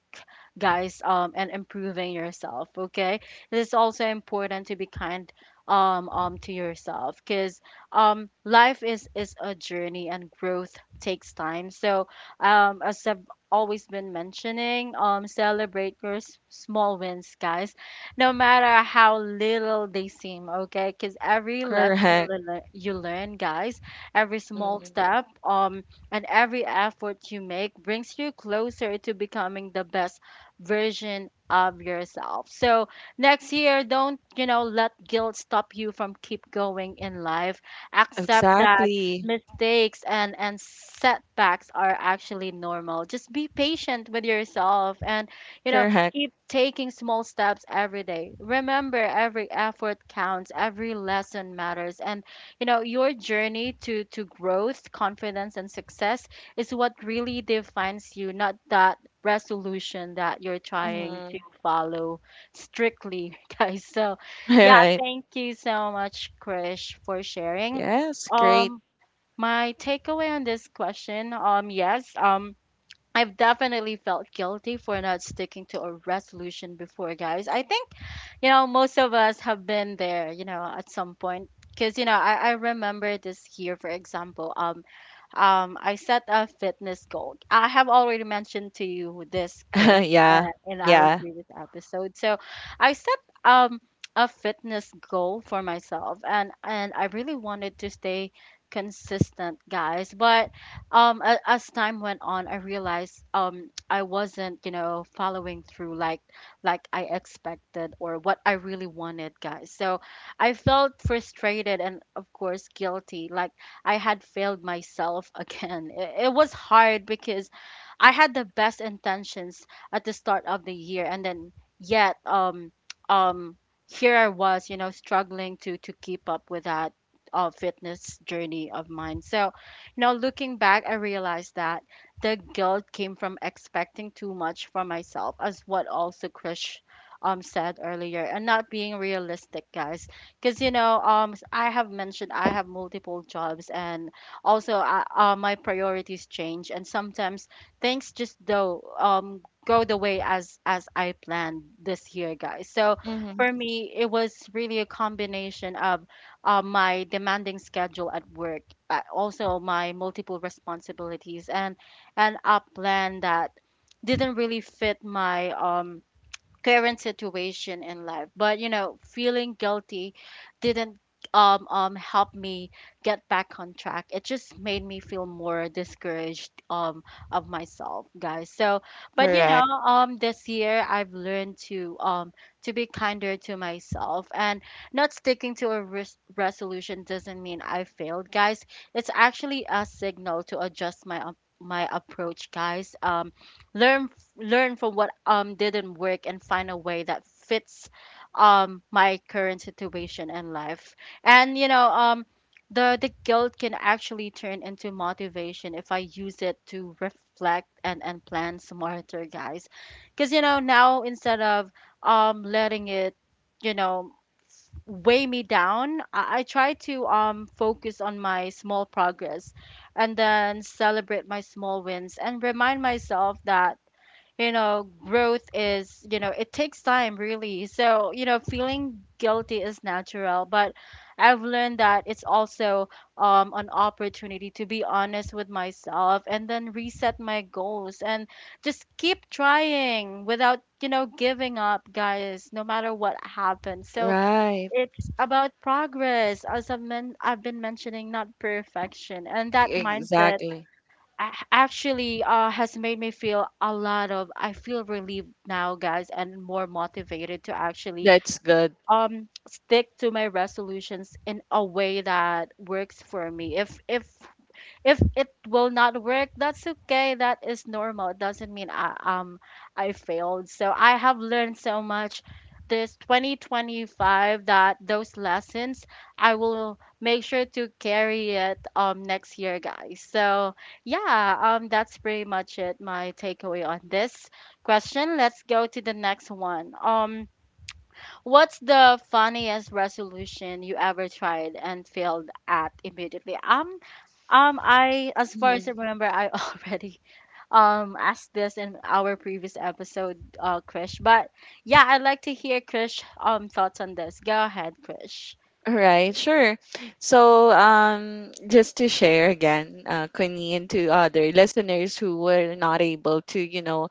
Speaker 1: guys, and improving yourself. Okay, it is also important to be kind to yourself, because life is a journey and growth takes time. So as I've always been mentioning, celebrate your small wins, guys, no matter how little they seem. Okay, because every
Speaker 2: Correct.
Speaker 1: you learn, guys, every small
Speaker 2: Mm-hmm.
Speaker 1: step, and every effort you make brings you closer to becoming the best version of yourself. So next year, don't let guilt stop you from keep going in life. Accept that
Speaker 2: Exactly.
Speaker 1: mistakes and setbacks are actually normal. Just be patient with yourself and, you know,
Speaker 2: Correct.
Speaker 1: keep taking small steps every day. Remember, every effort counts, every lesson matters, and your journey to growth, confidence, and success is what really defines you, not the resolution that you're trying to
Speaker 2: Mm-hmm.
Speaker 1: follow strictly, guys. So, yeah,
Speaker 2: Right.
Speaker 1: thank you so much, Krish, for sharing.
Speaker 2: Yes, great.
Speaker 1: Um, my takeaway on this question, yes, I've definitely felt guilty for not sticking to a resolution before, guys. I think, you know, most of us have been there, you know, at some point. Because, you know, I remember this year, for example, I set a fitness goal. I have already mentioned to you this, Krish,
Speaker 2: Yeah,
Speaker 1: in our
Speaker 2: yeah.
Speaker 1: previous episode. So I set um, a fitness goal for myself, and I really wanted to stay consistent, guys. But as time went on, I realized I wasn't, you know, following through like I expected or what I really wanted, guys. So I felt frustrated and of course guilty, like I had failed myself again. It was hard because I had the best intentions at the start of the year, and then yet, um, here I was, you know, struggling to keep up with that fitness journey of mine. So, you know, looking back, I realized that the guilt came from expecting too much from myself, as what also Krish said earlier, and not being realistic, guys, because you know I have mentioned I have multiple jobs and also I, my priorities change and sometimes things just do go the way as I planned this year, guys. So
Speaker 2: Mm-hmm.
Speaker 1: for me it was really a combination of my demanding schedule at work, but also my multiple responsibilities and a plan that didn't really fit my current situation in life. But you know, feeling guilty didn't help me get back on track. It just made me feel more discouraged of myself, guys. So but you know,
Speaker 2: Correct.
Speaker 1: this year I've learned to be kinder to myself, and not sticking to a resolution doesn't mean I failed, guys. It's actually a signal to adjust my my approach, guys. Learn learn from what didn't work and find a way that fits my current situation in life. And you know, the guilt can actually turn into motivation if I use it to reflect and plan smarter, guys. Because you know, now instead of letting it, you know, weigh me down, I try to focus on my small progress and then celebrate my small wins, and remind myself that, you know, growth is, you know, it takes time really. So you know, feeling guilty is natural, but I've learned that it's also an opportunity to be honest with myself and then reset my goals and just keep trying without, you know, giving up, guys, no matter what happens. So
Speaker 2: Right.
Speaker 1: it's about progress, as I've I've been mentioning, not perfection, and that mindset
Speaker 2: Exactly.
Speaker 1: actually has made me feel a lot of I feel relieved now, guys, and more motivated to actually
Speaker 2: That's good.
Speaker 1: stick to my resolutions in a way that works for me. If it will not work, that's okay, that is normal. It doesn't mean I um failed. So I have learned so much this 2025 that those lessons I will make sure to carry it next year, guys. So yeah, that's pretty much it, my takeaway on this question. Let's go to the next one. What's the funniest resolution you ever tried and failed at immediately? As far as I remember, I already asked this in our previous episode, Krish. But yeah, I'd like to hear Krish thoughts on this. Go ahead, Krish.
Speaker 2: Right, sure. So, just to share again, Queenie, and to other listeners who were not able to,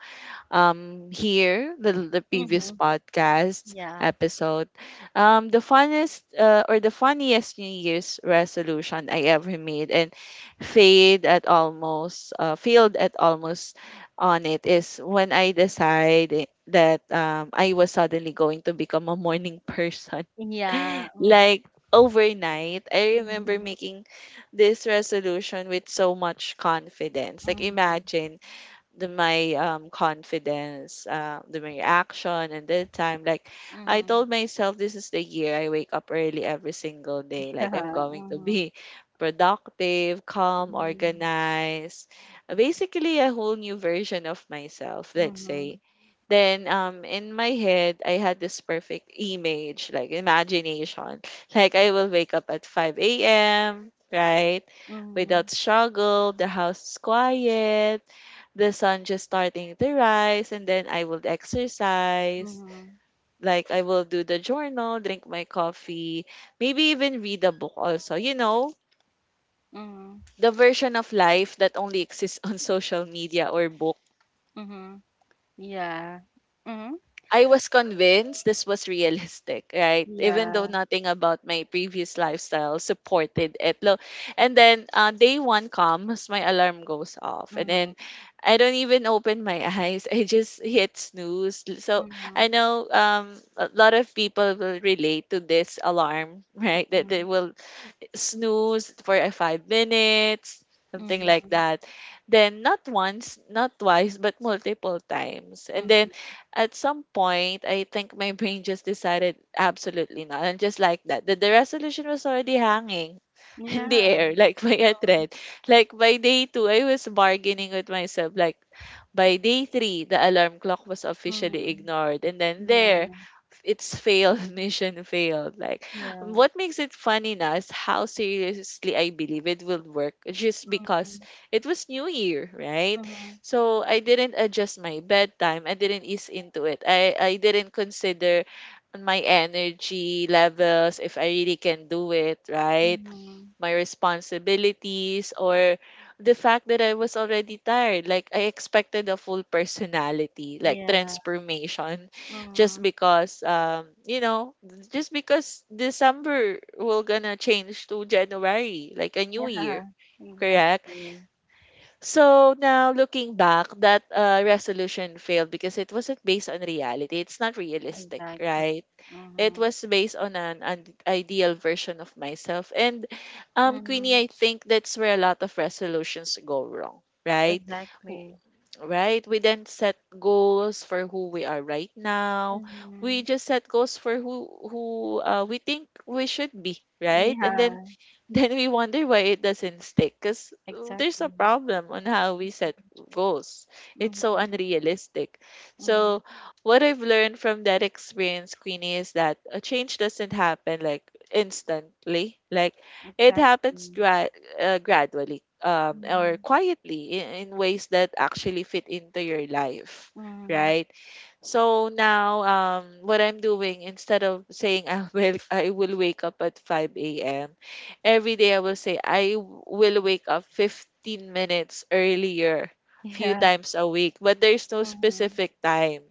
Speaker 2: here, the previous
Speaker 1: Mm-hmm.
Speaker 2: podcast
Speaker 1: Yeah.
Speaker 2: episode, the funnest or the funniest New Year's resolution I ever made and failed at almost on it, is when I decided that, I was suddenly going to become a morning person.
Speaker 1: Yeah.
Speaker 2: Like overnight, I remember
Speaker 1: Mm-hmm.
Speaker 2: making this resolution with so much confidence. Like,
Speaker 1: Mm-hmm.
Speaker 2: imagine the my confidence, the my action, and that time. Like, I
Speaker 1: Mm-hmm.
Speaker 2: told myself, this is the year I wake up early every single day. Like, I'm going to
Speaker 1: Yeah.
Speaker 2: be productive, calm,
Speaker 1: Mm-hmm.
Speaker 2: organized, basically a whole new version of myself. Let's
Speaker 1: Mm-hmm.
Speaker 2: say. Then, in my head I had this perfect image, like imagination. Like, I will wake up at 5 a.m., right,
Speaker 1: Mm-hmm.
Speaker 2: without struggle. The house is quiet, the sun just starting to rise, and then I would exercise.
Speaker 1: Mm-hmm.
Speaker 2: Like, I will do the journal, drink my coffee, maybe even read a book also. You know,
Speaker 1: Mm-hmm.
Speaker 2: the version of life that only exists on social media or book.
Speaker 1: Mm-hmm. Yeah. Mm-hmm.
Speaker 2: I was convinced this was realistic, right? Even though
Speaker 1: Yeah.
Speaker 2: nothing about my previous lifestyle supported it. And then day one comes, my alarm goes off, and then
Speaker 1: Mm-hmm.
Speaker 2: I don't even open my eyes. I just hit snooze. So
Speaker 1: Mm-hmm.
Speaker 2: I know, a lot of people will relate to this alarm, right? That they will snooze for 5 minutes, something like
Speaker 1: Mm-hmm.
Speaker 2: that. Then not once, not twice, but multiple times. And then
Speaker 1: Mm-hmm.
Speaker 2: at some point, I think my brain just decided absolutely not. And just like that, the resolution was already hanging in the
Speaker 1: Yeah.
Speaker 2: air, like by a thread. Like, by day two, I was bargaining with myself. Like, by day three, the alarm clock was officially
Speaker 1: Mm-hmm.
Speaker 2: ignored. And then there,
Speaker 1: Yeah,
Speaker 2: it's failed, mission failed. Like,
Speaker 1: yeah.
Speaker 2: what makes it funny now is how seriously I believe it will work just because
Speaker 1: Mhm,
Speaker 2: it was New Year, right?
Speaker 1: mhm,
Speaker 2: So I didn't adjust my bedtime, I didn't ease into it, I didn't consider my energy levels, if I really can do it, right,
Speaker 1: mhm.
Speaker 2: my responsibilities, or the fact that I was already tired. Like, I expected a full personality, like
Speaker 1: Yeah.
Speaker 2: transformation,
Speaker 1: Mm. Yeah.
Speaker 2: just because, just because December will gonna change to January, like a new year, correct?
Speaker 1: Exactly.
Speaker 2: So now, looking back, that resolution failed because it wasn't based on reality. It's not realistic,
Speaker 1: Exactly.
Speaker 2: right? It
Speaker 1: Mm-hmm.
Speaker 2: was based on an ideal version of myself. And, Queenie,
Speaker 1: Mm-hmm.
Speaker 2: I think that's where a lot of resolutions go wrong, right? W-
Speaker 1: Exactly.
Speaker 2: Right? We then set goals for who we are right now. We
Speaker 1: Mm-hmm.
Speaker 2: just set goals for who we think we should be, right? And then
Speaker 1: Yeah.
Speaker 2: then we wonder why it doesn't stick, because there's a
Speaker 1: Exactly.
Speaker 2: problem on how we set goals. It's so
Speaker 1: Mm-hmm.
Speaker 2: unrealistic.
Speaker 1: Mm-hmm.
Speaker 2: So, what I've learned from that experience, Queenie, is that a change doesn't happen like instantly. Like, it happens
Speaker 1: Exactly.
Speaker 2: gradually, or
Speaker 1: Mm-hmm.
Speaker 2: quietly, in ways that actually fit into your life,
Speaker 1: Mm-hmm.
Speaker 2: right? So now, what I'm doing instead of saying, I will wake up at 5 a.m. every day, I will say, I will wake up 15 minutes earlier, few
Speaker 1: Yeah.
Speaker 2: times a week, but there's no
Speaker 1: Mm-hmm.
Speaker 2: specific time.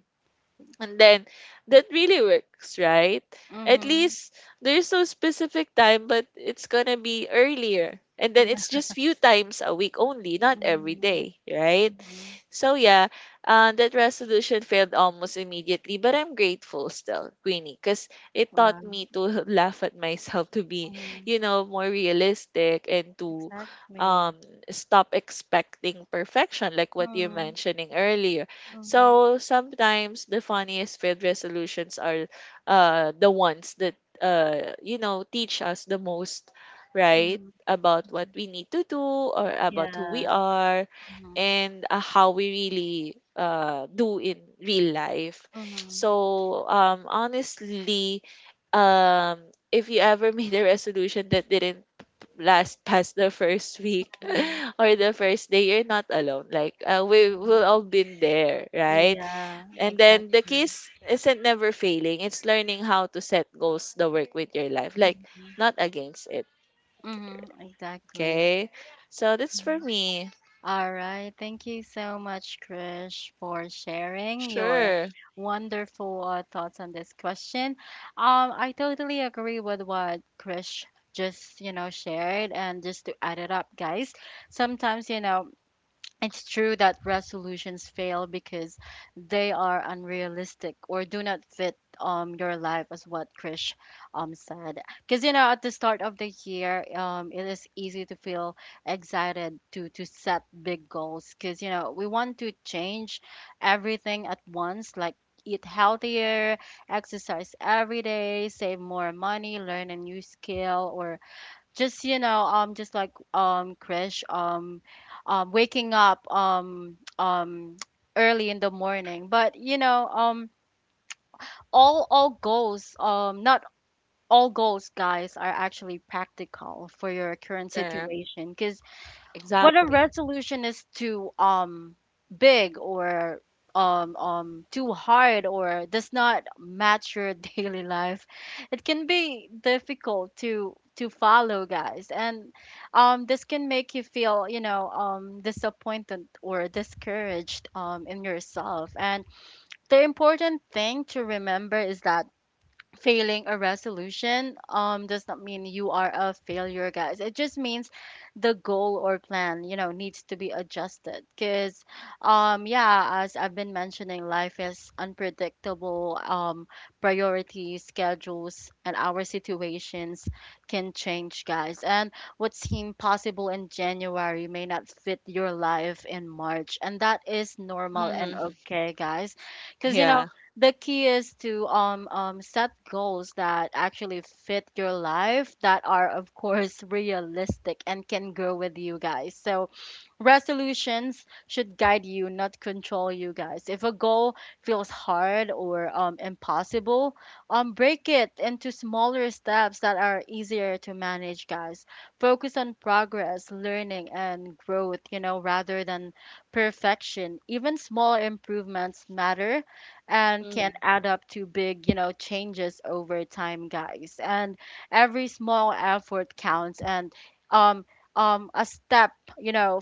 Speaker 2: And then that really works, right? At
Speaker 1: Mm-hmm.
Speaker 2: least there's no specific time, but it's gonna be earlier. And then it's
Speaker 1: Yeah.
Speaker 2: just few times a week only, not every
Speaker 1: Mm-hmm.
Speaker 2: day, right?
Speaker 1: Mm-hmm.
Speaker 2: So yeah, that resolution failed almost immediately, but I'm grateful still, Queenie, because it taught
Speaker 1: Wow.
Speaker 2: me to laugh at myself, to be,
Speaker 1: Mm-hmm.
Speaker 2: you know, more realistic, and to
Speaker 1: Exactly.
Speaker 2: um stop expecting perfection, like what you're
Speaker 1: Mm-hmm.
Speaker 2: mentioning earlier.
Speaker 1: Mm-hmm.
Speaker 2: So sometimes the funniest failed resolutions are the ones that, you know, teach us the most, right?
Speaker 1: Mm-hmm.
Speaker 2: About what we need to do, or about who we
Speaker 1: Yeah.
Speaker 2: are,
Speaker 1: Mm-hmm.
Speaker 2: and how we really do in real life.
Speaker 1: Mhm,
Speaker 2: So, honestly, um, if you ever made a resolution that didn't last past the first week
Speaker 1: mhm,
Speaker 2: or the first day, you're not alone. Like, we
Speaker 1: yeah.
Speaker 2: will all been there, right?
Speaker 1: Yeah,
Speaker 2: And then the
Speaker 1: exactly.
Speaker 2: keys isn't never failing. It's learning how to set goals that work with your life, like,
Speaker 1: Mhm,
Speaker 2: not against it.
Speaker 1: mhm, exactly.
Speaker 2: Okay, so that's for
Speaker 1: Mhm.
Speaker 2: me.
Speaker 1: All right. Thank you so much, Krish, for sharing your
Speaker 2: Sure,
Speaker 1: wonderful thoughts on this question. I totally agree with what Krish just, you know, shared. And just to add it up, guys, sometimes, you know, it's true that resolutions fail because they are unrealistic or do not fit your life, as what Krish said. Because you know, at the start of the year, it is easy to feel excited to set big goals because you know we want to change everything at once, like eat healthier, exercise every day, save more money, learn a new skill, or just you know just like Krish waking up early in the morning. But you know, all goals not all goals, guys, are actually practical for your current
Speaker 2: correct,
Speaker 1: situation, because what a
Speaker 2: exactly.
Speaker 1: resolution is too big or too hard or does not match your daily life, it can be difficult to follow, guys. And this can make you feel, you know, disappointed or discouraged in yourself. And the important thing to remember is that failing a resolution does not mean you are a failure, guys. It just means the goal or plan, you know, needs to be adjusted. Because yeah, as I've been mentioning, life is unpredictable. Priorities, schedules, and our situations can change, guys. And what seemed possible in January may not fit your life in March, and that is normal and
Speaker 2: Mhm.
Speaker 1: okay, guys. Because you know,
Speaker 2: Yeah.
Speaker 1: the key is to set goals that actually fit your life, that are of course realistic and can grow with you, guys. So resolutions should guide you, not control you, guys. If a goal feels hard or impossible, break it into smaller steps that are easier to manage, guys. Focus on progress, learning, and growth, you know, rather than perfection. Even small improvements matter and can
Speaker 2: Mhm.
Speaker 1: add up to big, you know, changes over time, guys. And every small effort counts, and um a step, you know,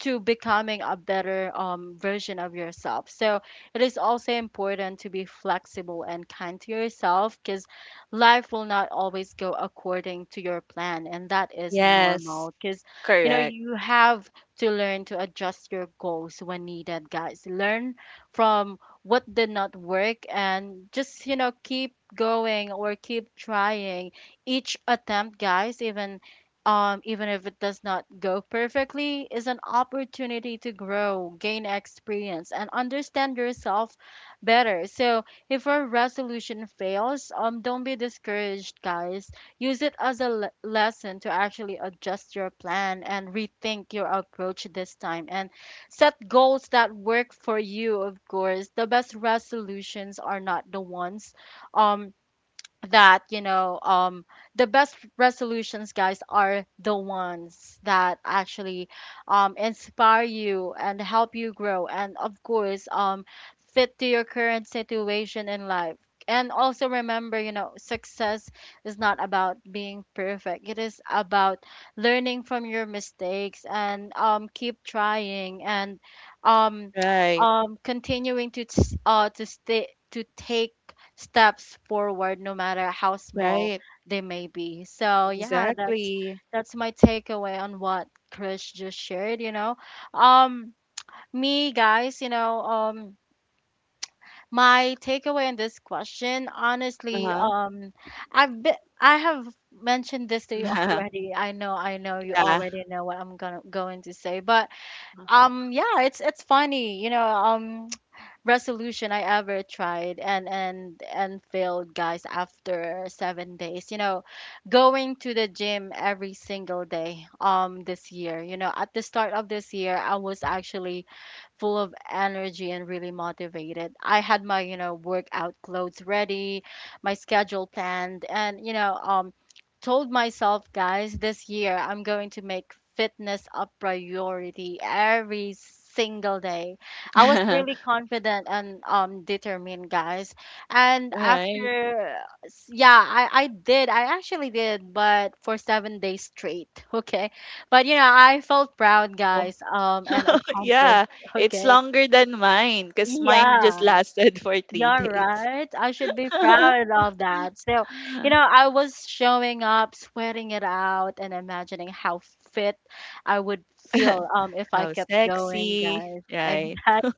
Speaker 1: to becoming a better version of yourself. So it is also important to be flexible and kind to yourself, because life will not always go according to your plan, and that is
Speaker 2: Yes.
Speaker 1: normal. Because you know,
Speaker 2: Correct.
Speaker 1: you have to learn to adjust your goals when needed, guys. Learn from what did not work and just, you know, keep going or keep trying. Each attempt, guys, even even if it does not go perfectly, is an opportunity to grow, gain experience, and understand yourself better. So if our resolution fails, don't be discouraged, guys. Use it as a lesson to actually adjust your plan and rethink your approach this time, and set goals that work for you, of course. The best resolutions are not the ones um that you know the best resolutions guys are the ones that actually inspire you and help you grow, and of course fit to your current situation in life. And also remember, you know, success is not about being perfect, it is about learning from your mistakes and keep trying, and um
Speaker 2: Right.
Speaker 1: continuing to t- to stay to take steps forward no matter how small
Speaker 2: Right.
Speaker 1: they may be. So yeah,
Speaker 2: Exactly.
Speaker 1: that's my takeaway on what Chris just shared, you know. um Me, guys, you know, my takeaway in this question, honestly,
Speaker 2: Uh-huh.
Speaker 1: I have mentioned this to you already. I know you
Speaker 2: Yeah.
Speaker 1: already know what I'm gonna going to say, but yeah, it's funny, you know, resolution I ever tried and failed, guys, after 7 days. You know, going to the gym every single day this year. You know, at the start of this year, I was actually full of energy and really motivated. I had my, you know, workout clothes ready, my schedule planned, and, you know, told myself, guys, this year I'm going to make fitness a priority every single day. I was really confident and determined, guys. And
Speaker 2: Right.
Speaker 1: after, yeah, I did. I actually did, but for 7 days straight. Okay, but you know, I felt proud,
Speaker 2: Oh,
Speaker 1: guys. And
Speaker 2: yeah.
Speaker 1: accomplished.
Speaker 2: It's
Speaker 1: Okay.
Speaker 2: longer than mine because mine just
Speaker 1: Yeah,
Speaker 2: lasted for three
Speaker 1: you're
Speaker 2: days.
Speaker 1: right. I should be proud of that. So, you know, I was showing up, sweating it out, and imagining how fit I would feel if I
Speaker 2: How
Speaker 1: kept going,
Speaker 2: sexy.
Speaker 1: guys.
Speaker 2: Right.
Speaker 1: Exactly.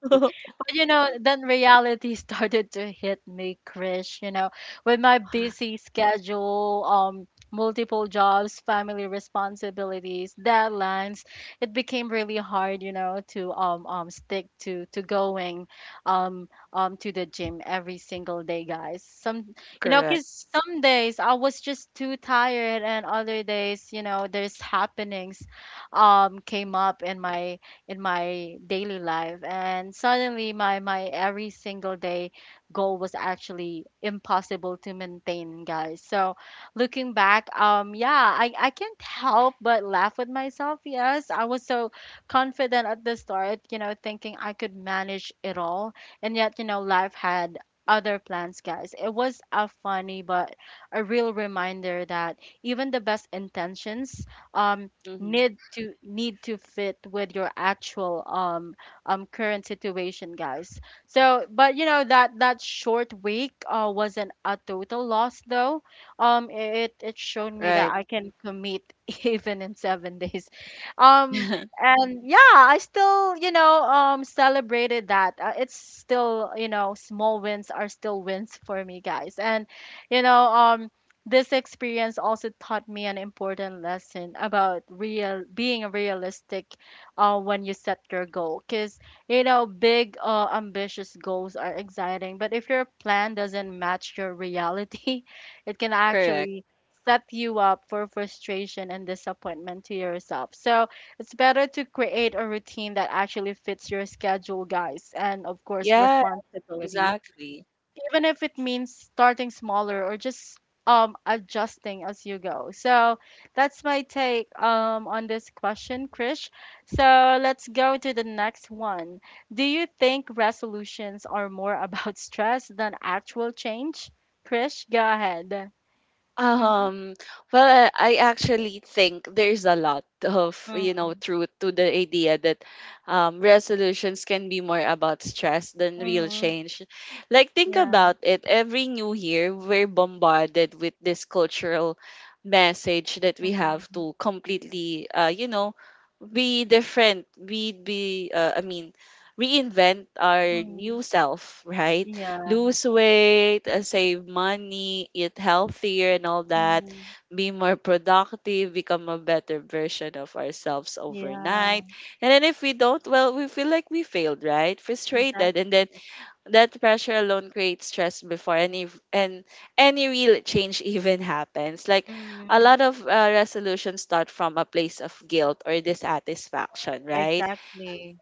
Speaker 1: But you know, then reality started to hit me, Krish. You know, with my busy schedule, multiple jobs, family responsibilities, deadlines, it became really hard, you know, to stick to going to the gym every single day, guys. Some, you know,
Speaker 2: Correct.
Speaker 1: because some days I was just too tired, and other days, you know, there's happenings came up in my daily life, and suddenly my every single day goal was actually impossible to maintain, guys. So looking back, yeah, I can't help but laugh with myself. Yes, I was so confident at the start, you know, thinking I could manage it all, and yet, you know, life had other plans, guys. It was a funny but a real reminder that even the best intentions um
Speaker 2: Hmm.
Speaker 1: need to fit with your actual current situation, guys. So but you know, that short week wasn't a total loss, though. It it showed me that
Speaker 2: Right.
Speaker 1: I can commit even in 7 days. um and yeah, I still, you know, celebrated that. It's still, you know, small wins are still wins for me, guys. And you know, this experience also taught me an important lesson about real being realistic, when you set your goal. Because, you know, big, ambitious goals are exciting, but if your plan doesn't match your reality, it can
Speaker 2: Correct.
Speaker 1: actually set you up for frustration and disappointment to yourself. So it's better to create a routine that actually fits your schedule, guys, and of course,
Speaker 2: Yeah.
Speaker 1: responsibilities,
Speaker 2: Exactly.
Speaker 1: even if it means starting smaller or just adjusting as you go. So that's my take on this question, Krish. So let's go to the next one. Do you think resolutions are more about stress than actual change? Krish, go ahead.
Speaker 2: Um, well, I actually think there's a lot of, you
Speaker 1: Mm-hmm.
Speaker 2: know, truth to the idea that, resolutions can be more about stress than real
Speaker 1: Mm-hmm.
Speaker 2: change. Like, think
Speaker 1: Yeah.
Speaker 2: about it. Every new year, we're bombarded with this cultural message that we have
Speaker 1: Mm-hmm.
Speaker 2: to completely, you know, be different, we be I mean, reinvent our
Speaker 1: Mm-hmm.
Speaker 2: new self, right,
Speaker 1: Yeah.
Speaker 2: lose weight, save money, eat healthier, and all that.
Speaker 1: Mm-hmm.
Speaker 2: Be more productive, become a better version of ourselves
Speaker 1: Yeah.
Speaker 2: overnight. And then if we don't, well, we feel like we failed, right, frustrated. And then
Speaker 1: Exactly.
Speaker 2: that pressure alone creates stress before any real change even happens. Like, a
Speaker 1: Mm-hmm.
Speaker 2: lot of resolutions start from a place of guilt or dissatisfaction, right,
Speaker 1: Exactly.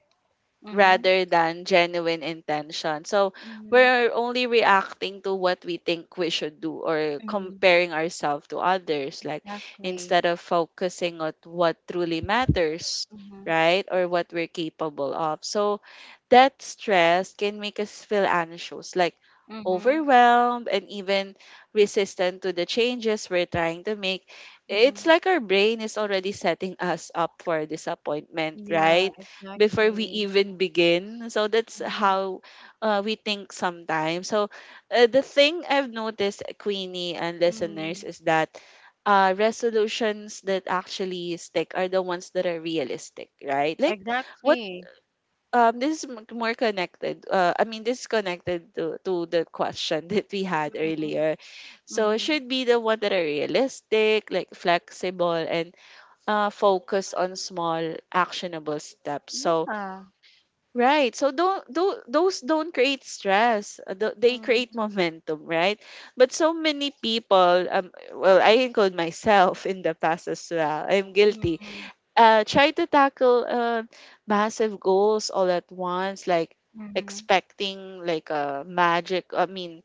Speaker 1: Mm-hmm.
Speaker 2: rather than genuine intention. So,
Speaker 1: Mm-hmm.
Speaker 2: we're only reacting to what we think we should do or comparing ourselves to others, like,
Speaker 1: Exactly.
Speaker 2: instead of focusing on what truly matters,
Speaker 1: Mm-hmm.
Speaker 2: right? Or what we're capable of. So that stress can make us feel anxious, like
Speaker 1: Mm-hmm.
Speaker 2: overwhelmed, and even resistant to the changes we're trying to make.
Speaker 1: Mm-hmm.
Speaker 2: It's like our brain is already setting us up for disappointment,
Speaker 1: Yeah,
Speaker 2: right, before we
Speaker 1: exactly.
Speaker 2: even begin. So that's
Speaker 1: Mm-hmm.
Speaker 2: how, we think sometimes. So, the thing I've noticed, Queenie and listeners,
Speaker 1: Mm-hmm.
Speaker 2: is that resolutions that actually stick are the ones that are realistic, right? Like, what,
Speaker 1: Exactly.
Speaker 2: this is more connected. I mean, this is connected to the question that we had
Speaker 1: Mm-hmm.
Speaker 2: earlier. So it
Speaker 1: Mm-hmm.
Speaker 2: should be the one that are realistic, like flexible, and focus on small actionable steps. So,
Speaker 1: Yeah.
Speaker 2: right. So, don't, do those don't create stress. They create
Speaker 1: Mm-hmm.
Speaker 2: momentum, right? But so many people, well, I include myself in the past as well. I'm guilty.
Speaker 1: Mm-hmm.
Speaker 2: Try to tackle massive goals all at once, like
Speaker 1: Mm-hmm.
Speaker 2: expecting like a magic. I mean,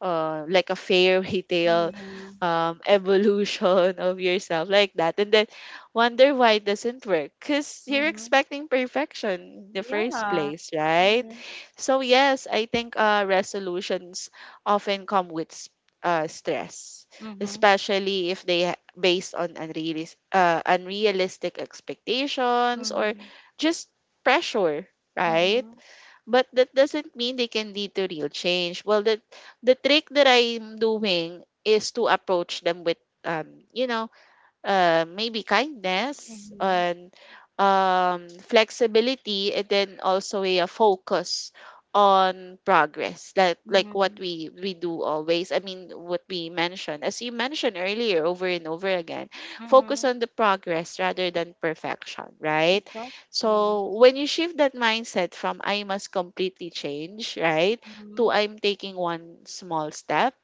Speaker 2: like a fairy tale, evolution of yourself like that, and then wonder why it doesn't work, because you're
Speaker 1: Mm-hmm.
Speaker 2: expecting perfection in the first
Speaker 1: Yeah.
Speaker 2: place, right?
Speaker 1: Mm-hmm.
Speaker 2: So yes, I think, resolutions often come with, stress,
Speaker 1: Mm-hmm.
Speaker 2: especially if they based on unrealistic expectations, or just pressure, right?
Speaker 1: Mm-hmm.
Speaker 2: But that doesn't mean they can lead to real change. Well, the trick that I'm doing is to approach them with, you know, maybe kindness
Speaker 1: Mm-hmm. Mm-hmm.
Speaker 2: and, flexibility, and then also a focus on progress, like what
Speaker 1: Mm-hmm.
Speaker 2: we do always. I mean, what we mentioned, as you mentioned earlier over and over again, focus
Speaker 1: Mm-hmm.
Speaker 2: on the progress rather than perfection, right?
Speaker 1: Exactly.
Speaker 2: So when you shift that mindset from, I must completely change, right,
Speaker 1: Mm-hmm.
Speaker 2: to, I'm taking one small step,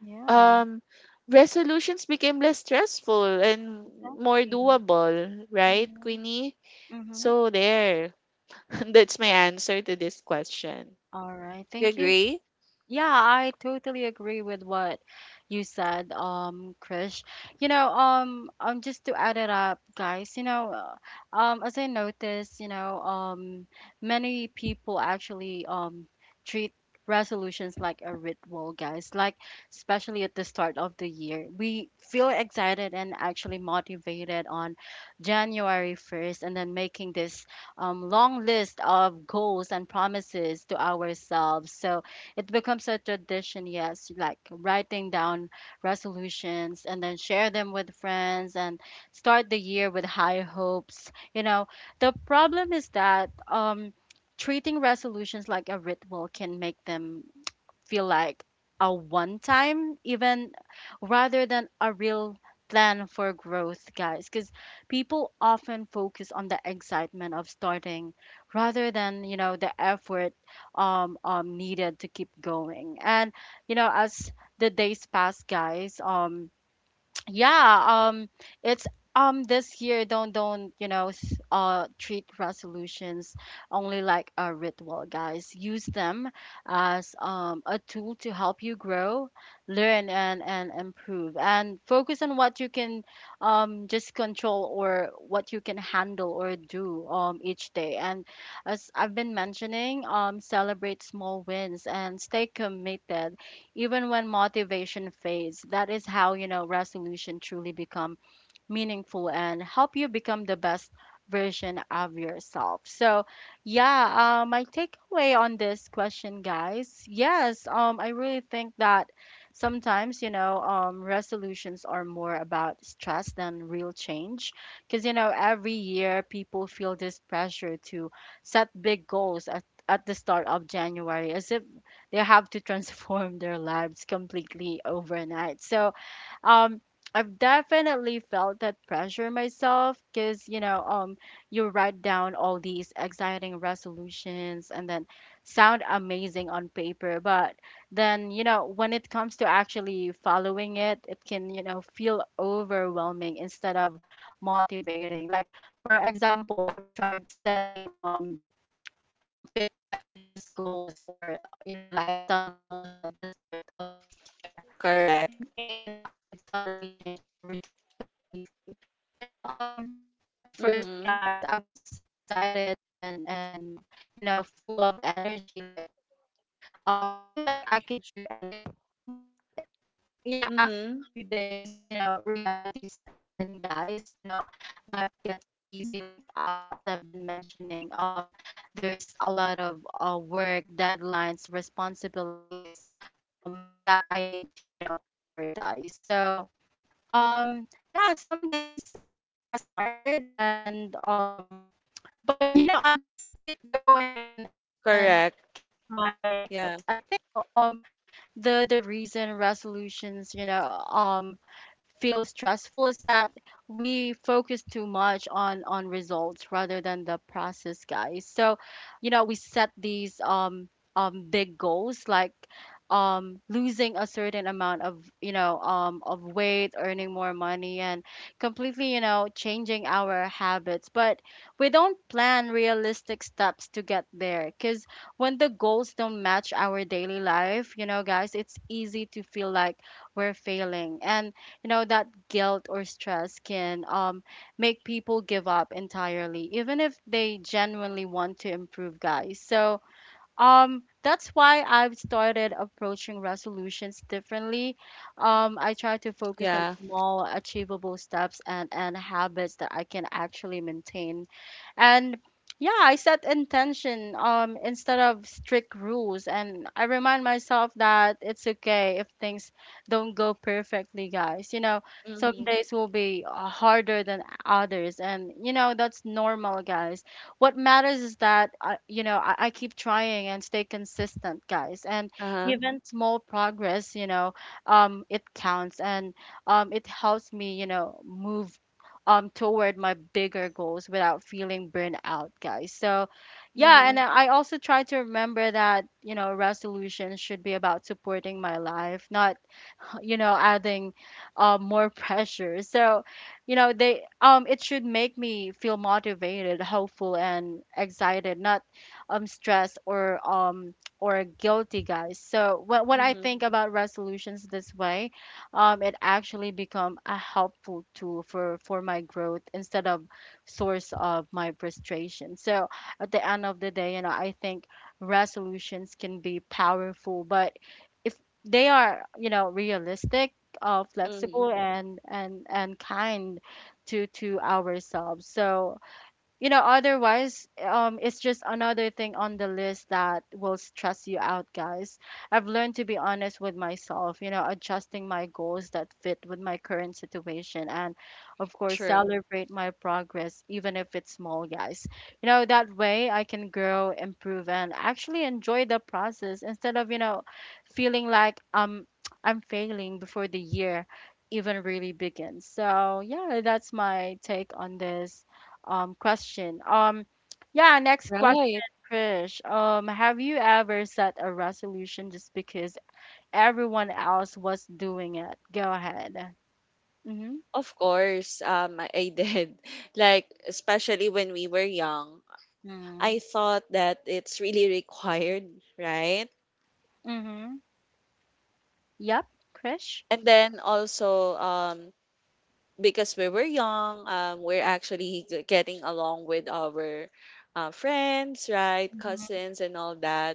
Speaker 1: Yeah,
Speaker 2: um resolutions became less stressful and more
Speaker 1: exactly.
Speaker 2: doable, right,
Speaker 1: Mm-hmm.
Speaker 2: Queenie?
Speaker 1: Mm-hmm.
Speaker 2: So there. That's my answer to this question.
Speaker 1: All right.
Speaker 2: You
Speaker 1: Thank you.
Speaker 2: agree?
Speaker 1: Yeah, I totally agree with what you said, Krish. You know, just to add it up, guys, you know, as I noticed, you know, many people actually treat resolutions like a ritual, guys. Like, especially at the start of the year, we feel excited and actually motivated on January 1st, and then making this long list of goals and promises to ourselves. So it becomes a tradition, yes, like writing down resolutions and then share them with friends and start the year with high hopes. You know, the problem is that treating resolutions like a ritual can make them feel like a one time even rather than a real plan for growth, guys, because people often focus on the excitement of starting rather than, you know, the effort needed to keep going. And you know, as the days pass, guys, yeah um it's, this year, don't you know, treat resolutions only like a ritual, guys. Use them as a tool to help you grow, learn, and improve, and focus on what you can just control, or what you can handle or do each day. And as I've been mentioning, celebrate small wins and stay committed even when motivation fades. That is how, you know, resolution truly become meaningful and help you become the best version of yourself. So, yeah, my takeaway on this question, guys, yes, I really think that sometimes, you know, resolutions are more about stress than real change. Because, you know, every year people feel this pressure to set big goals at the start of January as if they have to transform their lives completely overnight. So, um, I've definitely felt that pressure myself because, you know, you write down all these exciting resolutions, and then sound amazing on paper, but then, you know, when it comes to actually following it, it can, you know, feel overwhelming instead of motivating. Like, for example, I've tried setting, fit my fitness goals, or you know, lifestyle goals at the start of this year,
Speaker 2: Correct.
Speaker 1: thinking, you know, I could suddenly change my routine completely. You know, at first,
Speaker 2: Mm-hmm.
Speaker 1: guys, I was excited and you know, full of energy, like feeling like I could do anything. But you know,
Speaker 2: Mm-hmm.
Speaker 1: after a few days, you know, reality set in, guys. You know, life gets busy. Like as I've been mentioning, there's a lot of work, deadlines, responsibilities, that I need to, you know, prioritize. So, yeah, some days I was tired, and but you know, I just keep going and keep
Speaker 2: Correct.
Speaker 1: trying, guys. I
Speaker 2: Yeah.
Speaker 1: think, you know, the reason resolutions, you know, feel stressful is that we focus too much on results rather than the process, guys. So you know, we set these big goals, like losing a certain amount of, you know, of weight, earning more money, and completely, you know, changing our habits. But we don't plan realistic steps to get there, because when the goals don't match our daily life, you know, guys, it's easy to feel like we're failing. And you know, that guilt or stress can make people give up entirely even if they genuinely want to improve, guys. So that's why I've started approaching resolutions differently. I try to focus on
Speaker 2: Yeah.
Speaker 1: small, achievable steps, and habits that I can actually maintain. And yeah, I set intention, instead of strict rules. And I remind myself that it's okay if things don't go perfectly, guys. You know, some
Speaker 2: Mm-hmm.
Speaker 1: days will be harder than others. And, you know, that's normal, guys. What matters is that I, you know I keep trying and stay consistent, guys. And
Speaker 2: Uh-huh.
Speaker 1: even small progress, you know, it counts, and it helps me, you know, move toward my bigger goals without feeling burnt out, guys. So yeah,
Speaker 2: Mm-hmm.
Speaker 1: and I also try to remember that, you know, resolutions should be about supporting my life, not you know, adding more pressure. So you know, they it should make me feel motivated, hopeful, and excited, not stressed, or guilty, guys. So when I
Speaker 2: Mm-hmm.
Speaker 1: think about resolutions this way, it actually become a helpful tool for my growth instead of source of my frustration. So at the end of the day, you know, I think resolutions can be powerful, but if they are, you know, realistic,
Speaker 2: Mm-hmm.
Speaker 1: flexible, and kind to ourselves. So you know, otherwise, it's just another thing on the list that will stress you out, guys. I've learned to be honest with myself, you know, adjusting my goals that fit with my current situation, and of course
Speaker 2: True.
Speaker 1: celebrate my progress even if it's small, guys. You know, that way I can grow, improve, and actually enjoy the process instead of, you know, feeling like I'm failing before the year even really begins. So yeah, that's my take on this question. Yeah, next question,
Speaker 2: Right.
Speaker 1: Krish. Have you ever set a resolution just because everyone else was doing it? Go ahead. Mm-hmm.
Speaker 2: Of course, I did. Like, especially when we were young, I
Speaker 1: Mm-hmm.
Speaker 2: thought that it's really required, right?
Speaker 1: Mm-hmm. Yep, Krish.
Speaker 2: And then also, because we were young, we're actually getting along with our friends, right,
Speaker 1: Mm-hmm.
Speaker 2: cousins, and all that.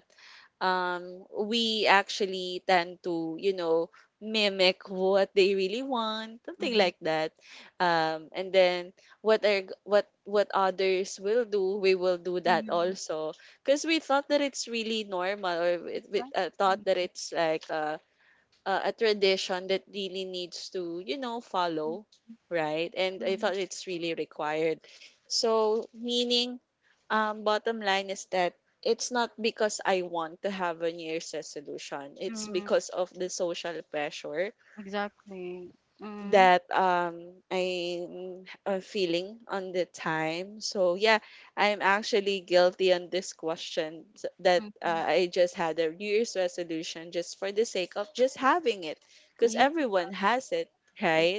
Speaker 2: We actually tend to, you know, mimic what they really want, something
Speaker 1: Mm-hmm.
Speaker 2: like that. And then, what are g- what others will do, we will do that also, because we thought that it's really normal, or we thought
Speaker 1: Mm-hmm.
Speaker 2: that it's like, a tradition that really needs to, you know, follow, right? And I
Speaker 1: Mm-hmm.
Speaker 2: thought it's really required. So, meaning, bottom line is that it's not because I want to have a New Year's resolution, it's
Speaker 1: Mm-hmm.
Speaker 2: because of the social pressure
Speaker 1: Exactly. Mm-hmm.
Speaker 2: that, I'm feeling on the time. So yeah, I'm actually guilty on this question, that, I just had a New Year's resolution just for the sake of just having it, because
Speaker 1: Yeah,
Speaker 2: everyone has it, right?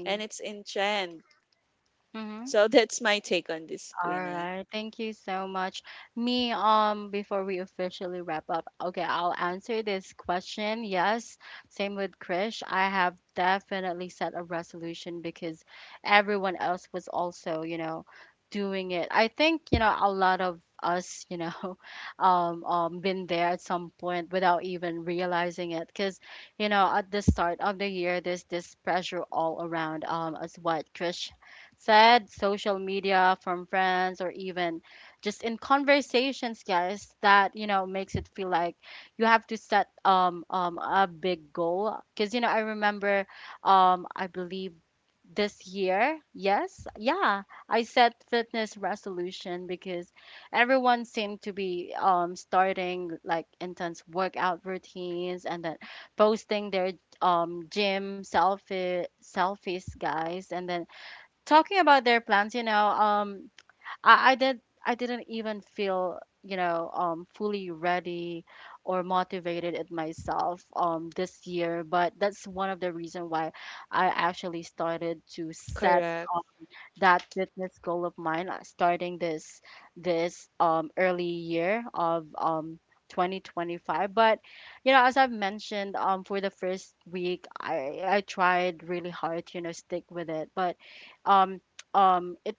Speaker 2: And it's in trend.
Speaker 1: Mm-hmm.
Speaker 2: So that's my take on this,
Speaker 1: All
Speaker 2: Queenie.
Speaker 1: right. Thank you so much. Me, before we officially wrap up, okay, I'll answer this question. Yes, same with Krish. I have definitely set a resolution because everyone else was also, you know, doing it. I think, you know, a lot of us, you know, been there at some point without even realizing it. Because, you know, at the start of the year, there's this pressure all around, as what Krish said, social media, from friends, or even just in conversations, guys, that, you know, makes it feel like you have to set a big goal. Because, you know, I remember, I believe this year, yes, yeah, I set fitness resolution because everyone seemed to be starting like intense workout routines, and then posting their gym selfies, guys, and then talking about their plans, you know, I, I did I didn't even feel, you know, fully ready or motivated at myself this year, but that's one of the reason why I actually started to set
Speaker 2: Correct,
Speaker 1: that fitness goal of mine, starting this early year of 2025. But you know, as I've mentioned, for the first week, I tried really hard to, you know, stick with it. But um it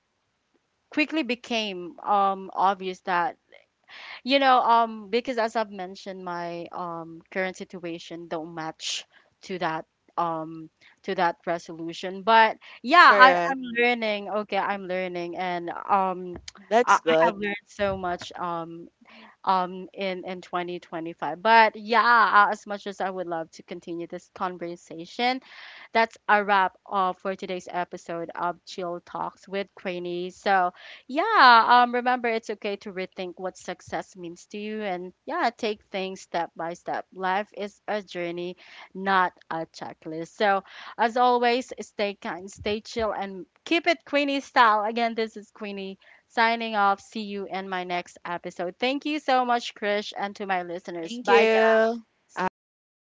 Speaker 1: quickly became obvious that you know, because as I've mentioned, my current situation don't match to that um to that resolution. But yeah, I,
Speaker 2: correct.
Speaker 1: I'm learning. Okay, I'm learning, and I,
Speaker 2: That's
Speaker 1: I
Speaker 2: good.
Speaker 1: have learned so much in 2025. But yeah, as much as I would love to continue this conversation, that's a wrap for today's episode of Chill Talks with Cranny. So, yeah, remember it's okay to rethink what success means to you and, yeah, take things step by step. Life is a journey, not a checklist. So, as always, stay kind, stay chill, and keep it Queenie style. Again, this is Queenie signing off. See you in my next episode. Thank you so much, Krish, and to my listeners.
Speaker 2: Thank you.
Speaker 1: Bye,
Speaker 2: All
Speaker 1: guys.
Speaker 2: right, bye bye.